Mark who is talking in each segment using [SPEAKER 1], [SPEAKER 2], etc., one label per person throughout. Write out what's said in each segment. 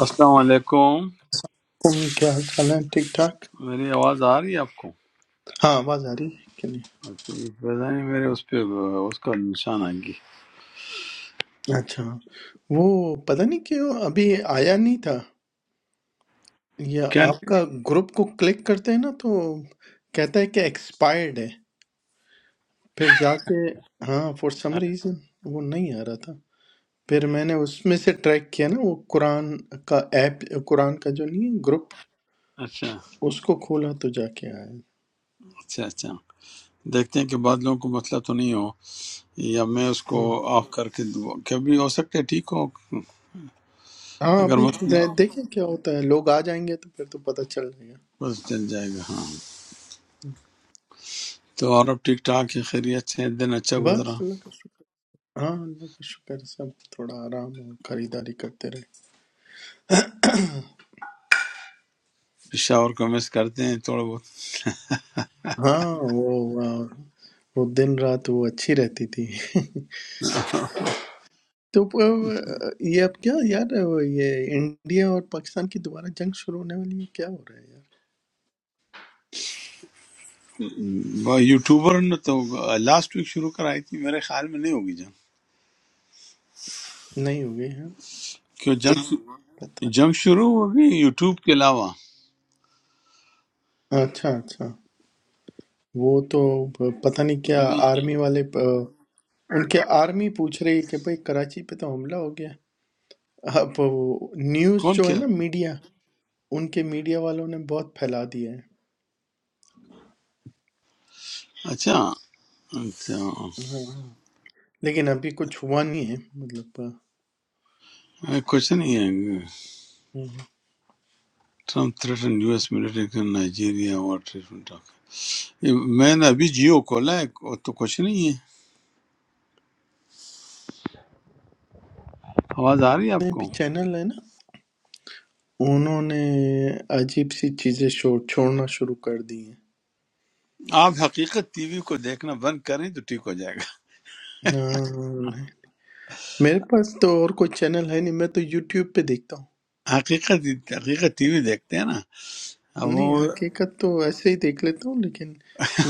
[SPEAKER 1] السلام علیکم
[SPEAKER 2] ہوں، کیا خیال ہے ٹھیک ٹھاک
[SPEAKER 1] میری آواز آ رہی ہے آپ کو
[SPEAKER 2] ہاں آواز آ رہی ہے کہ نہیں
[SPEAKER 1] اچھا، یہ پتا نہیں میرے اس پہ اس کا نشان آئیں گی
[SPEAKER 2] اچھا وہ پتہ نہیں کیوں ابھی آیا نہیں تھا یہ
[SPEAKER 1] کیا
[SPEAKER 2] آپ
[SPEAKER 1] نہیں؟
[SPEAKER 2] کا گروپ کو کلک کرتے ہیں نا تو کہتا ہے کہ ایکسپائرڈ ہے پھر جا کے ہاں فور سم ریزن وہ نہیں آ رہا تھا پھر میں نے اس میں سے ٹریک کیا نا وہ قرآن کا ایپ قرآن کا جو نہیں ہے گروپ
[SPEAKER 1] اچھا
[SPEAKER 2] اس کو کھولا تو جا کے آیا
[SPEAKER 1] اچھا اچھا دیکھتے ہیں کہ بعض لوگوں کو مسئلہ تو نہیں ہو یا میں اس کو
[SPEAKER 2] ہاں
[SPEAKER 1] آف کر کے دوں۔ کبھی ہو سکتا ہے ٹھیک ہو
[SPEAKER 2] ہاں،
[SPEAKER 1] اگر
[SPEAKER 2] ابھی
[SPEAKER 1] مسئلہ ہو،
[SPEAKER 2] دیکھیں کیا ہوتا ہے لوگ آ جائیں گے تو پھر تو پتہ چل جائے گا
[SPEAKER 1] بس چل جائے گا ہاں تو اور اب ٹھیک ٹھاک ہے خیریت سے دن اچھا گزرا
[SPEAKER 2] بس اللہ کا شکر ہاں اللہ کا شکر ہے، سب تھوڑا آرام اور خریداری کرتے رہے
[SPEAKER 1] پشاور کو مس کرتے ہیں تھوڑا بہت
[SPEAKER 2] ہاں وہ آہ، وہ دن رات وہ اچھی رہتی تھی تو آہ، یہ اب کیا یار وہ یہ انڈیا اور پاکستان کی دوبارہ جنگ شروع ہونے والی ہے کیا ہو رہا ہے یار
[SPEAKER 1] وہ یوٹیوبر نے تو لاسٹ ویک شروع کرائی تھی میرے خیال میں نہیں ہوگی جنگ
[SPEAKER 2] نہیں ہو گئی ہے
[SPEAKER 1] کیوں جنگ
[SPEAKER 2] پتہ
[SPEAKER 1] جنگ شروع ہوگی یوٹیوب کے علاوہ
[SPEAKER 2] اچھا اچھا وہ تو پتہ نہیں کیا
[SPEAKER 1] نہیں
[SPEAKER 2] آرمی والے آہ، ان کے آرمی پوچھ رہی ہے کہ بھائی کراچی پہ تو حملہ ہو گیا اب وہ نیوز
[SPEAKER 1] کون
[SPEAKER 2] جو ہے
[SPEAKER 1] کیا
[SPEAKER 2] نا میڈیا ان کے میڈیا والوں نے بہت پھیلا دیا ہے
[SPEAKER 1] اچھا اچھا
[SPEAKER 2] ہاں لیکن ابھی کچھ ہوا نہیں ہے مطلب انہوں
[SPEAKER 1] کوشچن یہ ہے ٹرمپ تھریٹن یو ایس ملٹری نائجیریا اور ٹریٹمنٹ آف، میں نے ابھی جیو کھولا ہے کو- تو کچھ نہیں ہے آواز آ رہی ہے آپ
[SPEAKER 2] نے
[SPEAKER 1] کو
[SPEAKER 2] بھی چینل ہے نا انہوں نے عجیب سی چیزیں شو چھوڑنا شروع کر دی ہیں
[SPEAKER 1] آپ حقیقت ٹی وی کو دیکھنا بند کریں تو ٹھیک ہو جائے گا
[SPEAKER 2] ہاں، نہیں۔ میرے پاس تو اور کوئی چینل ہے نہیں میں تو یوٹیوب پہ دیکھتا ہوں
[SPEAKER 1] حقیقت حقیقت ٹی وی دیکھتے ہیں نا اب وہ
[SPEAKER 2] نہیں حقیقت تو ایسے ہی دیکھ لیتا ہوں لیکن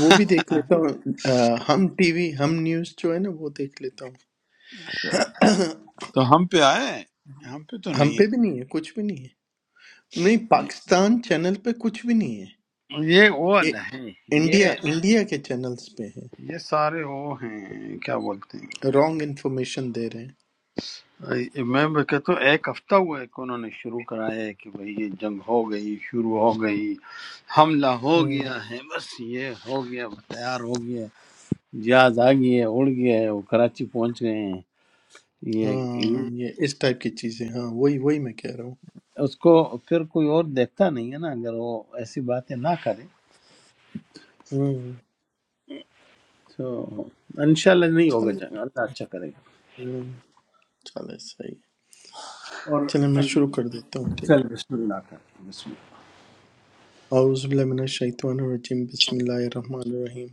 [SPEAKER 2] وہ بھی دیکھ لیتا ہوں آ، ہم ٹی وی ہم نیوز جو ہے نا وہ دیکھ لیتا ہوں
[SPEAKER 1] تو ہم پہ آئے ہم پہ تو
[SPEAKER 2] ہم
[SPEAKER 1] نہیں
[SPEAKER 2] پہ
[SPEAKER 1] ہے
[SPEAKER 2] بھی نہیں ہے کچھ بھی نہیں ہے نہیں پاکستان چینل پہ کچھ بھی نہیں ہے
[SPEAKER 1] یہ وہ
[SPEAKER 2] یہ
[SPEAKER 1] ہے یہ
[SPEAKER 2] انڈیا انڈیا کے چینلز پہ ہے
[SPEAKER 1] یہ سارے وہ ہیں کیا بولتے ہیں
[SPEAKER 2] رانگ انفارمیشن دے رہے
[SPEAKER 1] میں بھی کہتا ہوں ایک ہفتہ ہوا ہے کہ انہوں نے شروع کرایا ہے کہ بھئی یہ جنگ ہو گئی شروع ہو گئی حملہ ہو
[SPEAKER 2] ہیں
[SPEAKER 1] گیا ہے بس یہ ہو گیا وہ تیار ہو گیا جہاز آ گئی ہے اڑ گیا ہے وہ کراچی پہنچ گئے ہیں یہ
[SPEAKER 2] ہاں
[SPEAKER 1] یہ-
[SPEAKER 2] یہ اس ٹائپ کی چیزیں ہاں وہی وہی میں کہہ رہا ہوں
[SPEAKER 1] اس کو پھر کوئی اور دیکھتا نہیں ہے نا اگر وہ ایسی باتیں نہ کرے
[SPEAKER 2] ہوں،
[SPEAKER 1] تو انشاءاللہ نہیں ہوگا
[SPEAKER 2] چلو
[SPEAKER 1] جنگ اللہ اچھا کرے
[SPEAKER 2] ہوں، چلو صحیح ہے۔
[SPEAKER 1] گا اور
[SPEAKER 2] چلیں میں
[SPEAKER 1] اگ-
[SPEAKER 2] شروع کر دیتا ہوں ٹھیک ہے
[SPEAKER 1] چل بسم اللہ کر بسم اللہ
[SPEAKER 2] اعوذ باللہ من الشیطان الرجیم بسم اللہ الرحمن الرحیم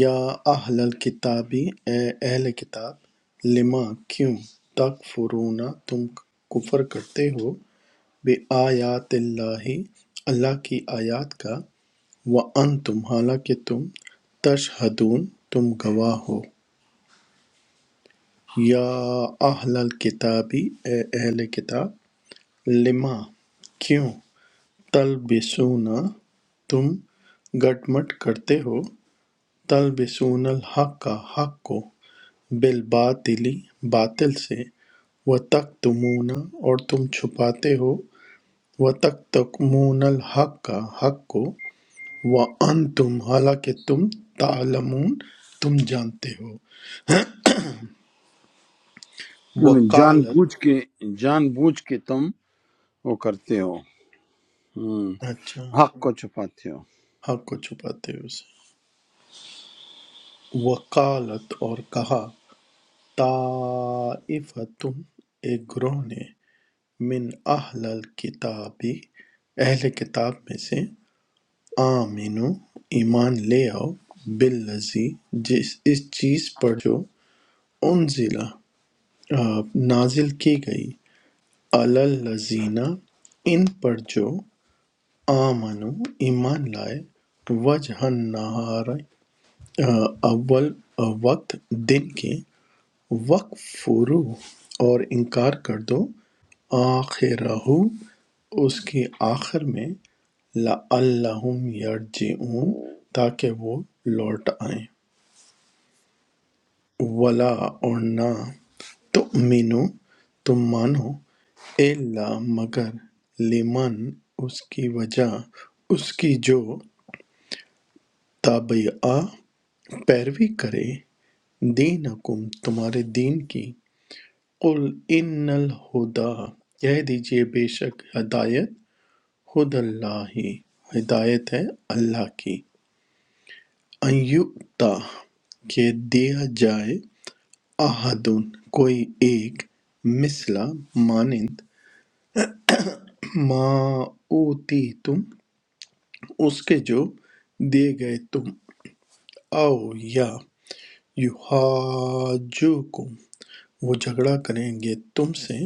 [SPEAKER 2] یا اہل الکتاب اے اہل کتاب لما کیوں تکفرون تم کفر کرتے ہو بے آیات اللہ اللہ کی آیات کا وانتم حالانکہ تم تشہدون تم گواہ ہو یا اہل الکتاب اے اہل کتاب لما کیوں تلبسون تم گٹ مٹ کرتے ہو تلبسون الحق کا حق کو بالباطلی باطل سے و تکتمون اور تم چھپاتے ہو و تکتمون الحق کا حق کو و ان تم حالانکہ تم تعلمون تم جانتے ہو
[SPEAKER 1] یعنی جان
[SPEAKER 2] وقالت
[SPEAKER 1] بوجھ کے جان بوجھ کے تم وہ کرتے ہو
[SPEAKER 2] اچھا
[SPEAKER 1] حق کو چھپاتے ہو
[SPEAKER 2] حق کو چھپاتے ہو اسے، وقالت اور کہا طائفتن ایک گروہ نے من اہل الکتابی اہل کتاب میں سے آمینو ایمان لے آؤ باللزی جس اس چیز پر جو انزلہ آ، نازل کی گئی اللزینہ ان پر جو آمنو ایمان لائے وجہ نہار اول وقت دن کے وَکْفُرُ اور انکار کر دو آخِرَہُ اس کے آخر میں لَعَلَّهُمْ يَرْجِعُونَ تاکہ وہ لوٹ آئیں وَلَا اور نہ تُؤْمِنُوا تم مانو إِلَّا مگر لِمَن اس کی وجہ اس کی جو تابعہ پیروی کرے دینکم تمہارے دین کی قل ان الہدا کہہ دیجئے بے شک ہدایت خود اللہ ہی ہدایت ہے اللہ کی ان یؤتا کہ دیا جائے احدن کوئی ایک مثلا مانند ما اوتی تم اس کے جو دیے گئے تم او یا یحاجوکم وہ جھگڑا کریں گے تم سے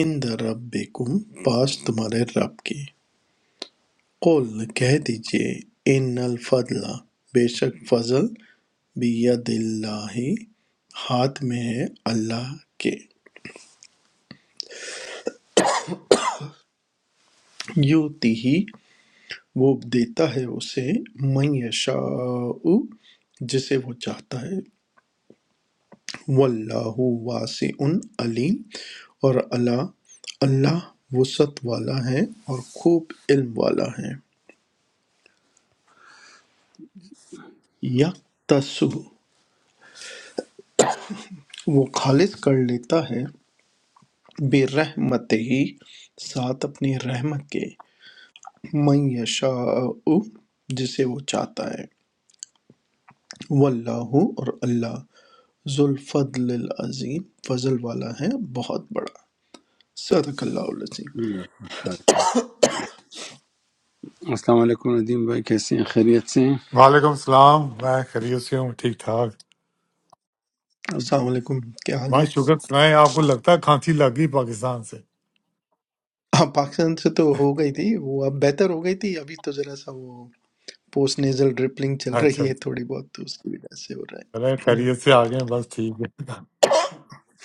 [SPEAKER 2] عند ربکم پاس تمہارے رب کے قل کہہ دیجئے ان الفضل بے شک فضل بید اللہ ہاتھ میں ہے اللہ کے یوتی ہی وہ دیتا ہے اسے من یشاء جسے وہ چاہتا ہے واللہ واسع علیم اور اللہ اللہ وسعت والا ہے اور خوب علم والا ہے یکتسو وہ خالص کر لیتا ہے بے رحمت ہی ساتھ اپنی رحمت کے من یشاء جسے وہ چاہتا ہے واللہ اور اللہ ذو الفضل العظیم فضل والا ہے بہت بڑا صدق اللہ العظیم
[SPEAKER 1] السلام علیکم ندیم بھائی کیسے ہیں خیریت سے ہیں
[SPEAKER 3] وعلیکم السلام میں خیریت سے ہوں ٹھیک ٹھاک
[SPEAKER 2] السلام علیکم کیا حال ہے
[SPEAKER 3] بھائی شکر سنائیں آپ کو لگتا ہے کھانسی لگ گئی پاکستان سے
[SPEAKER 2] آپ پاکستان سے تو ہو گئی تھی وہ اب بہتر ہو گئی تھی ابھی تو ذرا سا وہ پوسٹ نیزل ڈرپلنگ چل
[SPEAKER 3] اچھا
[SPEAKER 2] رہی
[SPEAKER 3] اچھا
[SPEAKER 2] ہے تھوڑی بہت تو اس کی وجہ سے ہو رہا ہے
[SPEAKER 3] چلے
[SPEAKER 2] ہم۔
[SPEAKER 3] خیریت سے آ گئے ہیں، بس ٹھیک ہے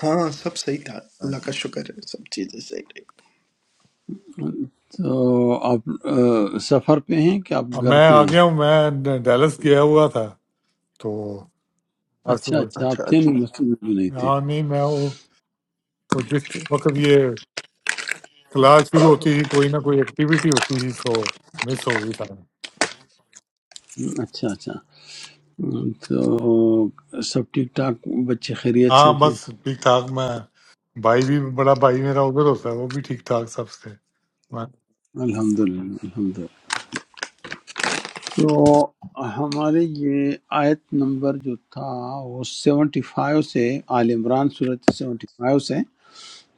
[SPEAKER 2] ہاں سب صحیح تھا
[SPEAKER 3] ہاں
[SPEAKER 2] اللہ
[SPEAKER 3] جی۔
[SPEAKER 2] کا شکر ہے سب چیزیں صحیح رہی
[SPEAKER 1] اب- تو آپ آ، سفر پہ ہیں کہ آپ
[SPEAKER 3] اب
[SPEAKER 1] گھر
[SPEAKER 3] میں
[SPEAKER 1] پہ
[SPEAKER 3] آ
[SPEAKER 1] ہیں
[SPEAKER 3] گیا ہوں میں ڈیلس گیا ہوا تھا تو بس
[SPEAKER 1] اچھا
[SPEAKER 3] وہ-
[SPEAKER 1] اچھا آپ
[SPEAKER 2] اچھا
[SPEAKER 1] تھے نہیں
[SPEAKER 2] اچھا
[SPEAKER 1] مسجد میں بھی نہیں تھے
[SPEAKER 3] ہاں نہیں میں وہ تو جس وقت یہ کلاس شروع ہوتی تھی کوئی نہ کوئی ایکٹیویٹی ہوتی تھی تو مس ہو گئی سارا
[SPEAKER 1] ہم، اچھا اچھا ہم، تو سب ٹھیک ٹھاک بچے خیریت
[SPEAKER 3] ہاں
[SPEAKER 1] سے تھے
[SPEAKER 3] بس ٹھیک ٹھاک میں بھائی بھی بڑا بھائی میرا ادھر ہوتا ہے وہ بھی ٹھیک ٹھاک سب سے میں
[SPEAKER 1] الحمد للہ الحمد تو ہمارے یہ آیت نمبر جو تھا وہ سیونٹی فائیو سے آل عمران صورت سیونٹی فائیو سے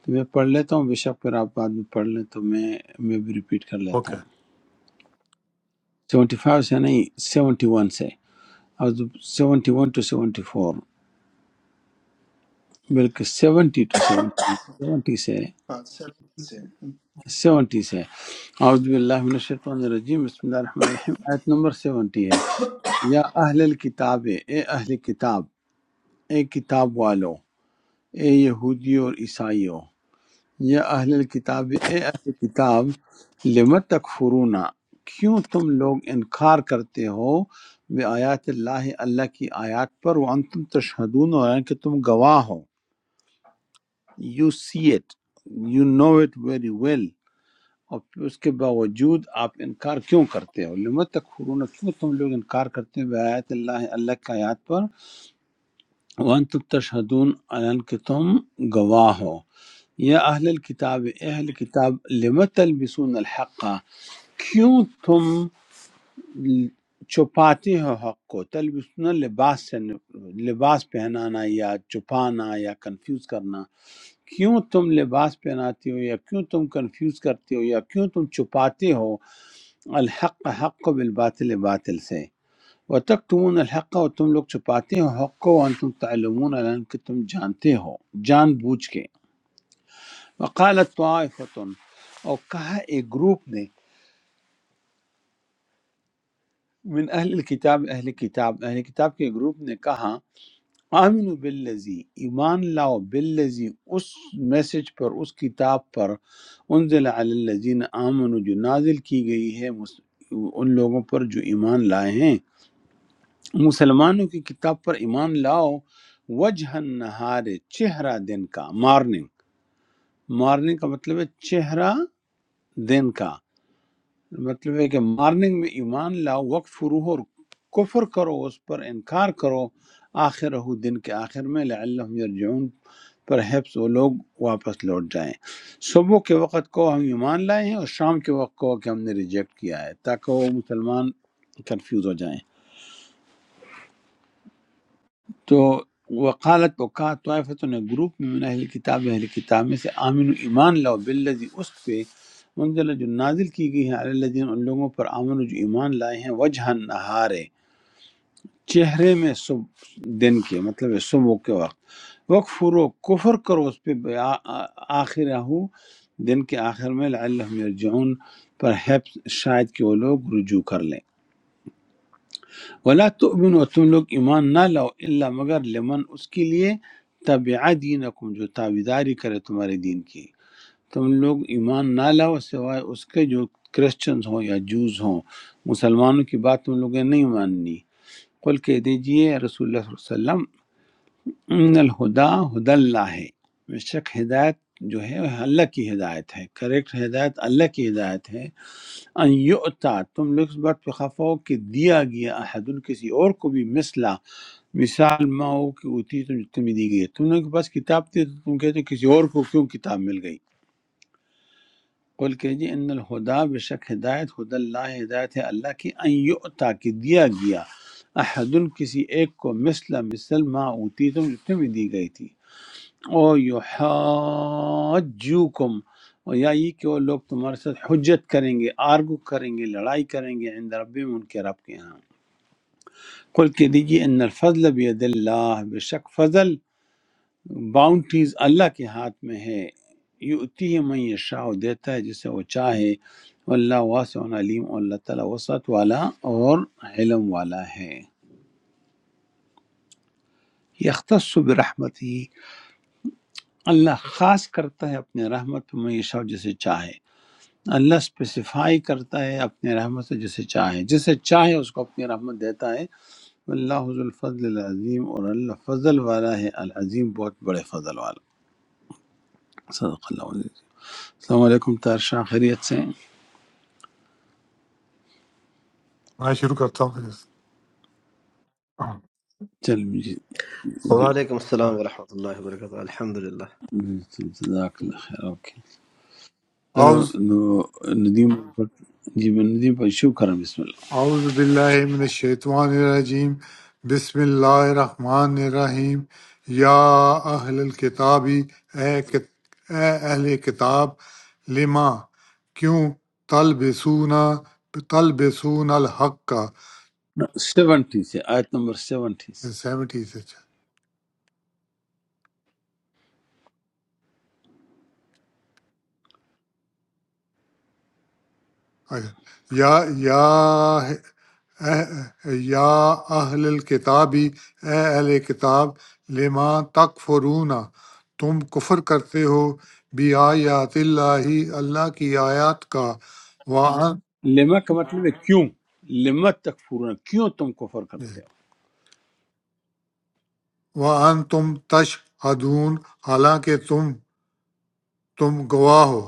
[SPEAKER 1] تو میں پڑھ لیتا ہوں بے شک پھر آپ بعد میں پڑھ لیں تو میں میں بھی ریپیٹ کر لیتا
[SPEAKER 3] اوکے
[SPEAKER 1] ہوں سیونٹی فائیو سے نہیں سیونٹی ون سے اور seventy one to seventy four بلکہ سیونٹی ٹو سیونٹی سیونٹی سے
[SPEAKER 2] ہاں سر
[SPEAKER 1] سیونٹی سے اعوذ باللہ من الشیطان الرجیم بسم اللہ الرحمن الرحیم آیت نمبر سیونٹی ہے یا اہل الکتاب اے اہل کتاب اے کتاب والو اے یہودی اور عیسائیو یا اہل الکتاب اے اہل کتاب لم تکفرون کیوں تم لوگ انکار کرتے ہو بے آیات اللہ اللہ کی آیات پر وانتم تشہدون اور ہیں کہ تم گواہ ہو you see it you know it very well اور پھر اس کے باوجود آپ انکار کیوں کرتے ہو لم تکفرون کیوں تم لوگ انکار کرتے ہو بے آیات اللہ اللہ کی آیات پر وانتم تشہدون اور ہیں کہ تم گواہ ہو یا اہل الکتاب اے اہل کتاب لم تلبسون الحق کیوں تم چھپاتے ہو حق کو تلبسون لباس سے لباس پہنانا یا چھپانا یا کنفیوز کرنا کیوں تم لباس پہناتے ہو یا کیوں تم کنفیوز کرتے ہو یا کیوں تم چھپاتے ہو الحق حق کو بالباطل باطل سے و الحق اور تم لوگ چھپاتے ہو حق کو وانتم تعلمون الان کہ تم جانتے ہو جان بوجھ کے وقالت طائفتن اور کہا ایک گروپ نے من اہل الکتاب اہل کتاب اہل کتاب کے گروپ نے کہا آمین باللزی ایمان لاؤ باللزی اس میسج پر اس کتاب پر انزل علی الذین آمنوا جو نازل کی گئی ہے مس- ان لوگوں پر جو ایمان لائے ہیں مسلمانوں کی کتاب پر ایمان لاؤ وجہ نہار چہرہ دن کا مارننگ مارننگ کا مطلب ہے چہرہ دن کا مطلب ہے کہ مارننگ میں ایمان لاؤ وقت فرو اور کفر کرو اس پر انکار کرو آخر ہو دن کے آخر میں لعلہم یرجعون پر حفظ وہ لوگ واپس لوٹ جائیں صبح کے وقت کو ہم ایمان لائے ہیں اور شام کے وقت کو کہ ہم نے ریجیکٹ کیا ہے تاکہ وہ مسلمان کنفیوز ہو جائیں۔ تو وقالت کو کہا طائفت نے گروپ میں من اہل کتاب اہل کتاب میں سے آمین و ایمان لاؤ بالذی اس پہ منزل جو نازل کی گئی ہے علی الذین ان لوگوں پر آمن جو ایمان لائے ہیں وجہ نہارے چہرے میں صبح دن کے مطلب ہے صبح کے وقت وقفر و کفر کرو اس پہ بیا- آ- آخر ہو دن کے آخر میں لعلہم یرجعون پر ہے شاید کہ وہ لوگ رجوع کر لیں ولا تؤمن اور تم لوگ ایمان نہ لاؤ الا مگر لمن اس کے لیے تبع دینکم جو تابیداری کرے تمہارے دین کی تم لوگ ایمان نہ لاؤ سوائے اس کے جو کرسچنز ہوں یا جوز ہوں مسلمانوں کی بات تم لوگوں نے نہیں ماننی قل کہہ دیجئے رسول اللہ صلی اللہ علیہ وسلم ان الہدا ہد اللہ ہے بے شک ہدایت جو ہے وہ اللہ کی ہدایت ہے کریکٹ ہدایت اللہ کی ہدایت ہے ان یؤتا تم لوگ اس بات پہ خفا ہو کہ دیا گیا احد کسی اور کو بھی مثلہ مثال ماں ہو کہ وہ تھی تم تمہیں دی گئی ہے۔ تم لوگوں کے پاس کتاب تھی تو تم کہتے ہو کسی اور کو کیوں کتاب مل گئی قل کہ جی ان الہدا بے شک ہدایت ہد اللہ ہدایت ہے اللہ کی ان یعطا کہ دیا گیا احد کسی ایک کو مثل مثل ما اوتی تم جو تمہیں دی گئی تھی او یحاجوکم اور یا یہ کہ وہ لوگ تمہارے ساتھ حجت کریں گے آرگو کریں گے لڑائی کریں گے عند ربہم ان کے رب کے ہاں قل کہ دیجیے ان الفضل بید اللہ بے شک فضل باؤنڈریز اللہ کے ہاتھ میں ہے یؤتی ہے من یشاء دیتا ہے جسے وہ چاہے اللہ واسع علیم اور اللہ تعالیٰ وسعت والا اور علم والا ہے یختص برحمت ہی اللہ خاص کرتا ہے اپنے رحمت پہ من یشاء جسے چاہے اللہ اسپیسیفائی کرتا ہے اپنے رحمت سے جسے چاہے جسے چاہے اس کو اپنی رحمت دیتا ہے اللہ ذو الفضل العظیم اور اللہ فضل والا ہے العظیم بہت بڑے فضل والا صدق اللہ علیہ وسلم۔ السلام علیکم تارشاہ خیریت سے
[SPEAKER 3] میں شروع کرتا ہوں
[SPEAKER 1] چل جی جی
[SPEAKER 4] وعليكم
[SPEAKER 3] پھر۔
[SPEAKER 4] السلام ورحمة الله وبركاته الحمد لله
[SPEAKER 1] جی، جزاک اللہ خیر اوکے چلو
[SPEAKER 3] اعوذ
[SPEAKER 1] نو ندیم پر جی میں ندیم پر شروع کرم بسم
[SPEAKER 3] اعوذ باللہ من الشیطان الرجیم بسم اللہ الرحمن الرحیم یا اہل الکتابی اے کت- اے اہل کتاب لما کیوں تلبسون تلبسون الحق کا
[SPEAKER 1] اللہ سیونٹی سے آیت نمبر سیونٹی سے
[SPEAKER 3] سیونٹی سے اچھا۔ یا یا اہ- یا اہل الکتابی اے اہل کتاب لما تکفرون تم کفر کرتے ہو بی آیات اللہ اللہ کی آیات کا وَأَن-
[SPEAKER 1] لما کا مطلب ہے کیوں لما تکفرون کیوں تم کفر کرتے
[SPEAKER 3] وَأَنْتُمْ تم تشہدون حالانکہ تم تم گواہ ہو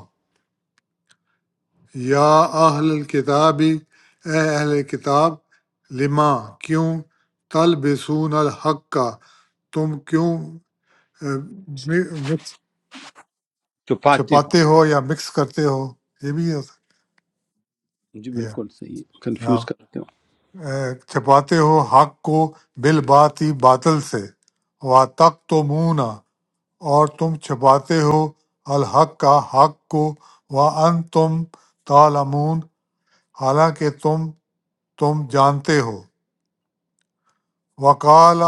[SPEAKER 3] یا اہل الکتابی اے اہل کتاب لما کیوں تلبسون الحق کا تم کیوں جی، مکس
[SPEAKER 1] ہو چھپاتے ہو
[SPEAKER 3] چھپاتے ہو یا مکس کرتے ہو یہ بھی ہو سکتا
[SPEAKER 1] جی
[SPEAKER 3] ہے
[SPEAKER 1] بالکل صحیح
[SPEAKER 3] ہاں۔
[SPEAKER 1] کنفیوز کرتے
[SPEAKER 3] اے، چھپاتے ہو حق کو بالباطی باطل سے تک تو مونا اور تم چھپاتے ہو الحق کا حق کو و ان تم تالمون حالانکہ تم تم جانتے ہو وقال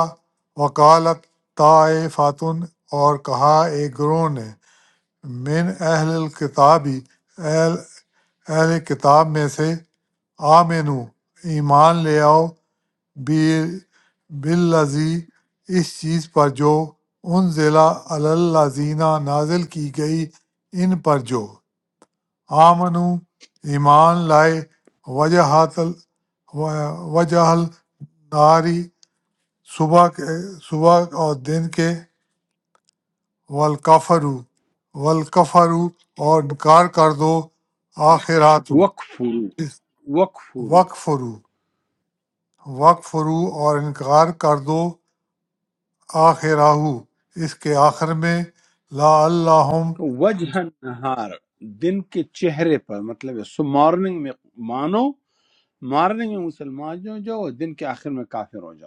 [SPEAKER 3] وکالت طائفاتن اور کہا ایک گروہ نے من اہل الکتابی اہل کتاب میں سے آمنو ایمان لے آؤ بی- بالذی اس چیز پر جو ان ضلع الزینہ نازل کی گئی ان پر جو آمنو ایمان لائے وجہات ال- و- وجہ ناری صبح کے صبح اور دن کے والکفرو والکفرو اور انکار کر دو آخرات
[SPEAKER 1] ہو وقفرو وقفرو
[SPEAKER 3] وقفرو وقف فرو اور انکار کر دو آخرہو اس کے آخر میں لا اللہ
[SPEAKER 1] وجہ نہار دن کے چہرے پر مطلب ہے سو مارننگ میں مانو مارننگ میں مسلمان جو جاؤ اور دن کے آخر میں کافر ہو جاؤ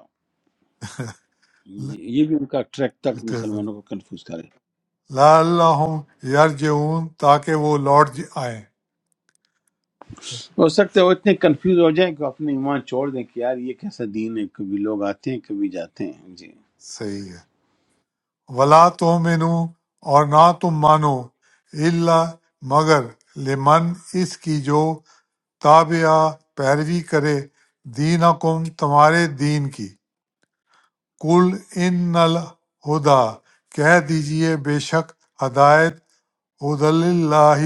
[SPEAKER 1] جی، یہ بھی ان کا ٹریک تک مسلمانوں کو کنفیوز کرے
[SPEAKER 3] لا اللہ یرجعون تاکہ وہ لوٹ ج- آئیں
[SPEAKER 1] ہو سکتا ہے وہ اتنے کنفیوز ہو جائیں کہ اپنے ایمان چھوڑ دیں کہ یار یہ کیسا دین ہے کبھی لوگ آتے ہیں کبھی جاتے ہیں جی
[SPEAKER 3] صحیح ہے ولا تؤمنو اور نہ تم مانو الا مگر لمن اس کی جو تابعہ پیروی کرے دینکم تمہارے دین کی قل ان الہدا کہہ دیجئے بے شک ہدایت حدل اللہ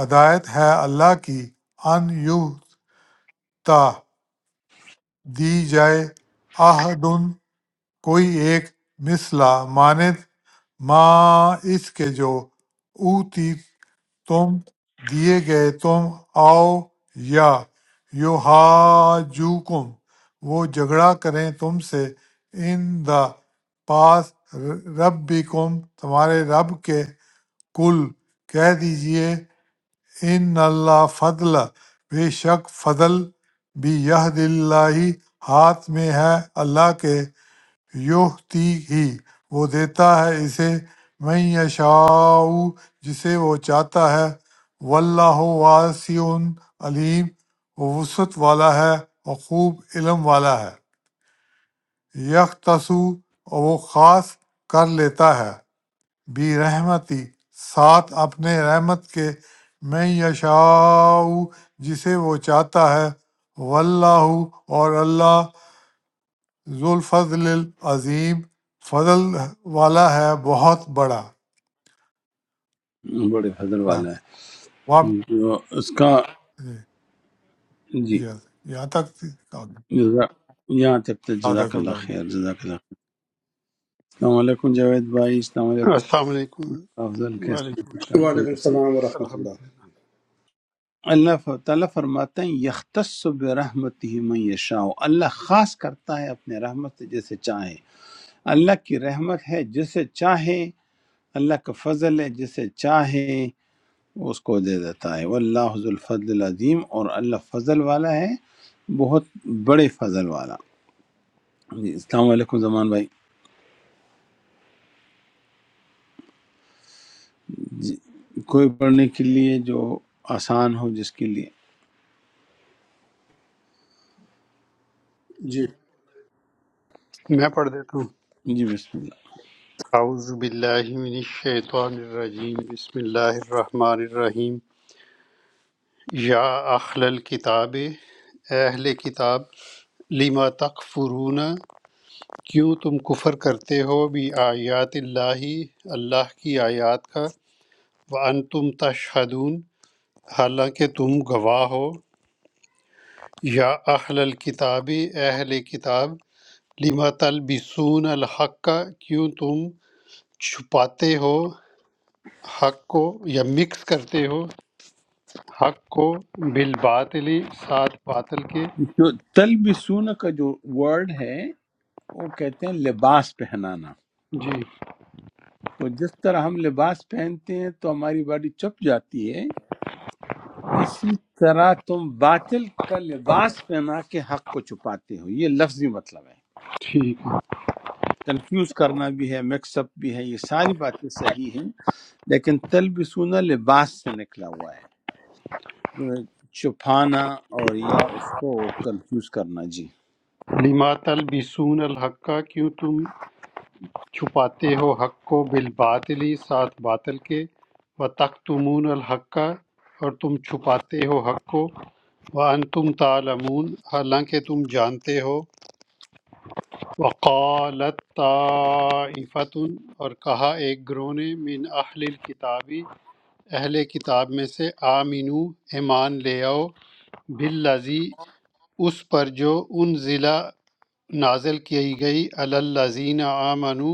[SPEAKER 3] ہدایت ہے اللہ کی ان تا دی جائے آہد کوئی ایک مثلا مانند ما اس کے جو اوتی تم دیے گئے تم آؤ یا یو کم وہ جھگڑا کریں تم سے ان دا پاس رب بھی کم تمہارے رب کے کل کہہ دیجئے ان اللہ فضل بے شک فضل بھی یہ اللہ ہاتھ میں ہے اللہ کے یوہ تی ہی وہ دیتا ہے اسے میں یشاء جسے وہ چاہتا ہے واللہ واسع علیم وہ وسعت والا ہے اور خوب علم والا ہے یک تسو اور وہ خاص کر لیتا ہے بھی رحمتی ساتھ اپنے رحمت کے میں یشاء جسے وہ چاہتا ہے واللہ اور اللہ ذو الفضل العظیم فضل والا ہے بہت بڑا
[SPEAKER 1] بڑے فضل
[SPEAKER 3] ہے۔
[SPEAKER 1] والا
[SPEAKER 3] وہاں-
[SPEAKER 1] ہے جو اس کا
[SPEAKER 3] جی،
[SPEAKER 1] جی
[SPEAKER 3] جی، جی، یہاں تک تھی۔ صادق
[SPEAKER 1] جزا- یہاں تک تو جزاک اللہ
[SPEAKER 3] اللہ علیہ
[SPEAKER 1] خیر جزاک اللہ خیر السلام علیکم جاوید بھائی السلام علیکم
[SPEAKER 5] السلام علیکم
[SPEAKER 1] افضل کیسے ہیں
[SPEAKER 5] وعلیکم
[SPEAKER 1] ٹھیک ٹھاک
[SPEAKER 5] السلام
[SPEAKER 6] وعلیکم
[SPEAKER 1] خیریت سے ہیں؟
[SPEAKER 6] السلام ورحمۃ
[SPEAKER 5] الحمد
[SPEAKER 6] اللہ
[SPEAKER 1] اللہ ف- تعالیٰ فرماتے ہیں یختص برحمتہ من یشاء اللہ خاص کرتا ہے اپنے رحمت سے جسے چاہے اللہ کی رحمت ہے جسے چاہے اللہ کا فضل ہے جسے چاہے وہ اس کو دے دیتا ہے واللہ ذو الفضل العظیم اور اللہ فضل والا ہے بہت بڑے فضل والا جی السلام علیکم زمان بھائی جی کوئی پڑھنے کے لیے جو آسان ہو جس کے لیے
[SPEAKER 6] جی
[SPEAKER 5] للہ میں پڑھ دیتا ہوں
[SPEAKER 1] جی بسم اللہ
[SPEAKER 5] اعوذ باللہ من الشیطان الرجیم بسم اللہ الرحمن الرحیم یا اہل الکتاب اے اہل کتاب لما تکفرون کیوں تم کفر کرتے ہو بھی آیات اللہ اللہ کی آیات کا وانتم تشہدون حالانکہ تم گواہ ہو یا اہل الکتاب اے اہل کتاب لما تلبسون الحق کیوں تم چھپاتے ہو حق کو یا مکس کرتے ہو حق کو بالباطل ساتھ باطل کے
[SPEAKER 1] جو تلبسون کا جو ورڈ ہے وہ کہتے ہیں لباس پہنانا
[SPEAKER 5] جی
[SPEAKER 1] تو جس طرح ہم لباس پہنتے ہیں تو ہماری باڈی چپ جاتی ہے اسی طرح تم باطل کا لباس پہنا کے حق کو چھپاتے ہو یہ لفظی مطلب ہے
[SPEAKER 5] ٹھیک
[SPEAKER 1] کنفیوز کرنا بھی ہے مکس اپ بھی ہے یہ ساری باتیں صحیح ہیں لیکن تلبسونا لباس سے نکلا ہوا ہے چھپانا اور یا اس کو کنفیوز کرنا جی
[SPEAKER 5] ہے لما تلبسون الحق کیوں تم چھپاتے ہو حق کو بالباطل ساتھ باطل کے و تختمون الحق اور تم چھپاتے ہو حق کو وانتم تعلمون حالانکہ تم جانتے ہو وقالت طائفت اور کہا ایک گروہ نے من اہل الکتابی اہل کتاب میں سے آمینو ایمان لے آؤ باللزی اس پر جو ان ضلع نازل کی گئی اللزین آمنو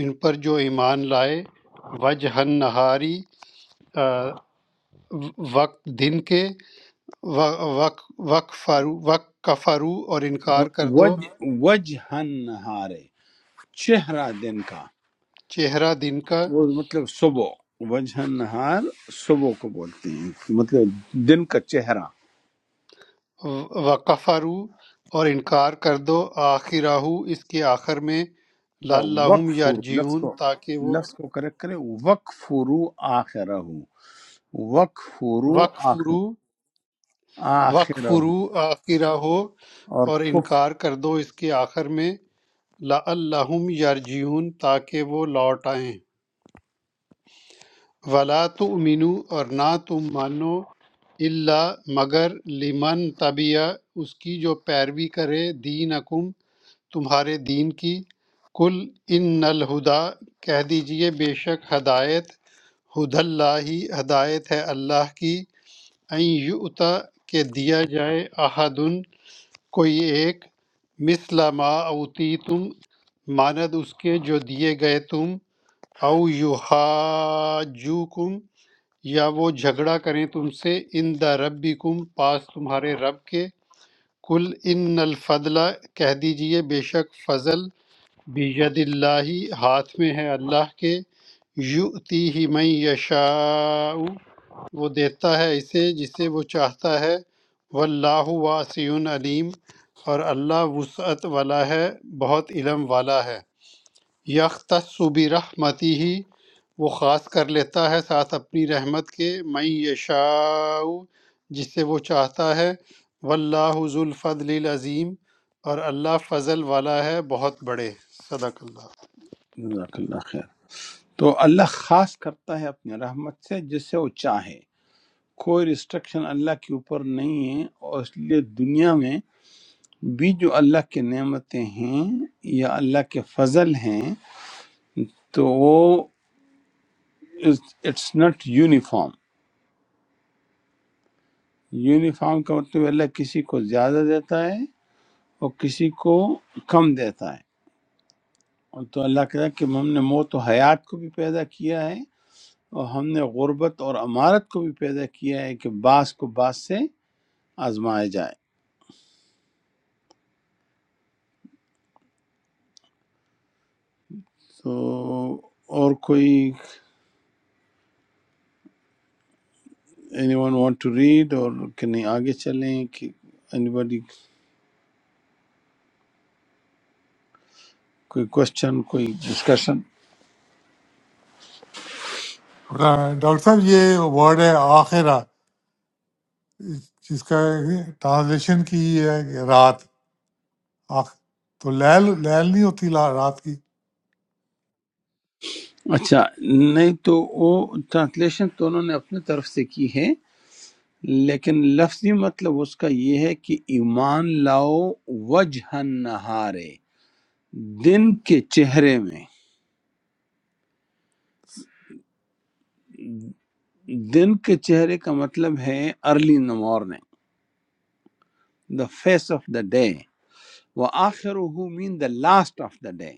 [SPEAKER 5] ان پر جو ایمان لائے وجہ نہاری وقت دن کے وقف وقف کفرو اور انکار کر دو
[SPEAKER 1] وج وجہ نہارے چہرہ دن کا
[SPEAKER 5] چہرہ دن کا
[SPEAKER 1] وہ مطلب صبح وجہ نہار صبح کو بولتے ہیں مطلب دن کا چہرہ
[SPEAKER 5] وَكَفَرُوا اور انکار کر دو آخرہو اس کے آخر میں
[SPEAKER 1] یا
[SPEAKER 5] لَعَلَّهُمْ
[SPEAKER 1] وقف لفظ
[SPEAKER 5] يَرْجِعُونَ
[SPEAKER 1] کو
[SPEAKER 5] تاکہ وہ
[SPEAKER 1] لفظ کو کریکٹ کریں وقف رو آخر وقف رو آخر
[SPEAKER 5] وَكْفُرُوا
[SPEAKER 1] آخر اور
[SPEAKER 5] وَكْفُرُوا آخرہو اور
[SPEAKER 1] کف
[SPEAKER 5] انکار کر دو اس کے آخر میں لَعَلَّهُمْ يَرْجِعُونَ تاکہ وہ لوٹ آئیں وَلَا تُؤْمِنُوا اور نہ تم مانو اللہ مگر لمن طبیع اس کی جو پیروی کرے دینکم تمہارے دین کی کل ان الہدا کہہ دیجئے بے شک ہدایت ہد اللہ ہی ہدایت ہے اللہ کی ان یؤتا کہ دیا جائے احدن کوئی ایک مثل ما اوتی تم ماند اس کے جو دیے گئے تم او یحاجوکم یا وہ جھگڑا کریں تم سے ان دا ربکم پاس تمہارے رب کے کل ان الفضلہ کہہ دیجئے بے شک فضل بید اللہ ہاتھ میں ہے اللہ کے یؤتی ہی من یشاء وہ دیتا ہے اسے جسے وہ چاہتا ہے واللہ واسع علیم اور اللہ وسعت والا ہے بہت علم والا ہے یختص برحمتہ وہ خاص کر لیتا ہے ساتھ اپنی رحمت کے من یشاء جسے وہ چاہتا ہے واللہ ذو الفضل العظیم اور اللہ فضل والا ہے بہت بڑے صدق اللہ
[SPEAKER 1] جزاک اللہ خیر تو اللہ خاص کرتا ہے اپنی رحمت سے جسے وہ چاہے کوئی ریسٹرکشن اللہ کے اوپر نہیں ہے اور اس لیے دنیا میں بھی جو اللہ کی نعمتیں ہیں یا اللہ کے فضل ہیں تو وہ اٹس ناٹ یونیفارم یونیفارم کا مطلب اللہ کسی کو زیادہ دیتا ہے اور کسی کو کم دیتا ہے اور تو اللہ کہتا ہے کہ ہم نے موت و حیات کو بھی پیدا کیا ہے اور ہم نے غربت اور امارت کو بھی پیدا کیا ہے کہ بعض کو بعض سے آزمایا جائے تو اور کوئی anyone want to read اور کہ نہیں آگے چلیں کہ اینی بڈی کوئی کوشچن کوئی ڈسکشن
[SPEAKER 3] ڈاکٹر صاحب یہ ورڈ ہے آخرہ جس کا ٹرانسلیشن کی ہے کہ رات آخ- تو لیل لیل نہیں ہوتی لا- رات کی
[SPEAKER 1] اچھا نہیں تو وہ ٹرانسلیشن تو انہوں نے اپنے طرف سے کی ہے لیکن لفظی مطلب اس کا یہ ہے کہ ایمان لاؤ وجہ نہارے دن کے چہرے میں دن کے چہرے کا مطلب ہے early in the morning the face of the day وہ آخر مین the last of the day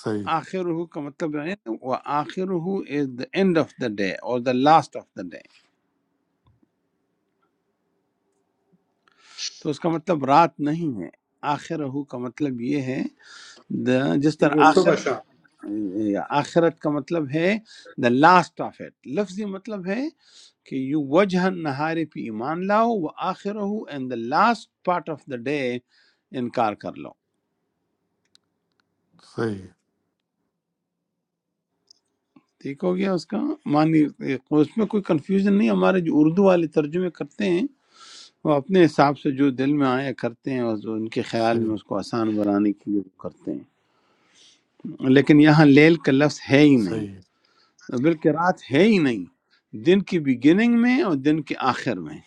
[SPEAKER 3] صحیح
[SPEAKER 1] آخر کا مطلب ہے وہ آخر is the end of the day اور the last of the day تو اس کا مطلب رات نہیں ہے آخر کا مطلب یہ ہے the- جس طرح
[SPEAKER 6] یہ
[SPEAKER 1] آخر
[SPEAKER 6] صبح شام
[SPEAKER 1] آخرت کا مطلب ہے دا لاسٹ آف اٹ لفظی مطلب ہے کہ یو وجہ نہارے پہ ایمان لاؤ وہ آخر ہو and the last part of the day انکار کر لو
[SPEAKER 3] صحیح
[SPEAKER 1] ٹھیک ہو گیا اس کا معنی اس میں کوئی کنفیوژن نہیں ہمارے جو اردو والے ترجمے کرتے ہیں وہ اپنے حساب سے جو دل میں آیا کرتے ہیں اور جو ان کے خیال
[SPEAKER 3] صحیح
[SPEAKER 1] میں اس کو آسان بنانے کے لیے وہ کرتے ہیں لیکن یہاں لیل کا لفظ ہے ہی نہیں
[SPEAKER 3] صحیح
[SPEAKER 1] بلکہ رات ہے ہی نہیں دن کی بگننگ میں اور دن کے آخر میں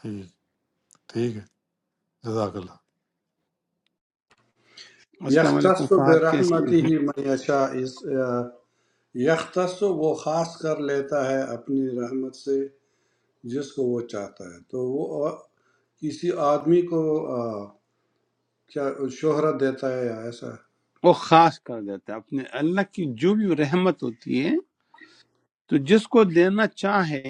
[SPEAKER 3] ٹھیک ٹھیک ہے جزاک اللہ
[SPEAKER 1] السلام علیکم
[SPEAKER 6] یختص
[SPEAKER 1] فہد کیسے
[SPEAKER 6] برحمتہ
[SPEAKER 1] ہیں؟
[SPEAKER 6] من یشاء اس آ، یختص وہ خاص کر لیتا ہے اپنی رحمت سے جس کو وہ چاہتا ہے تو وہ آ، کسی آدمی کو آ، کیا شہرت دیتا ہے یا ایسا
[SPEAKER 1] وہ خاص کر دیتا ہے اپنے اللہ کی جو بھی رحمت ہوتی ہے تو جس کو دینا چاہے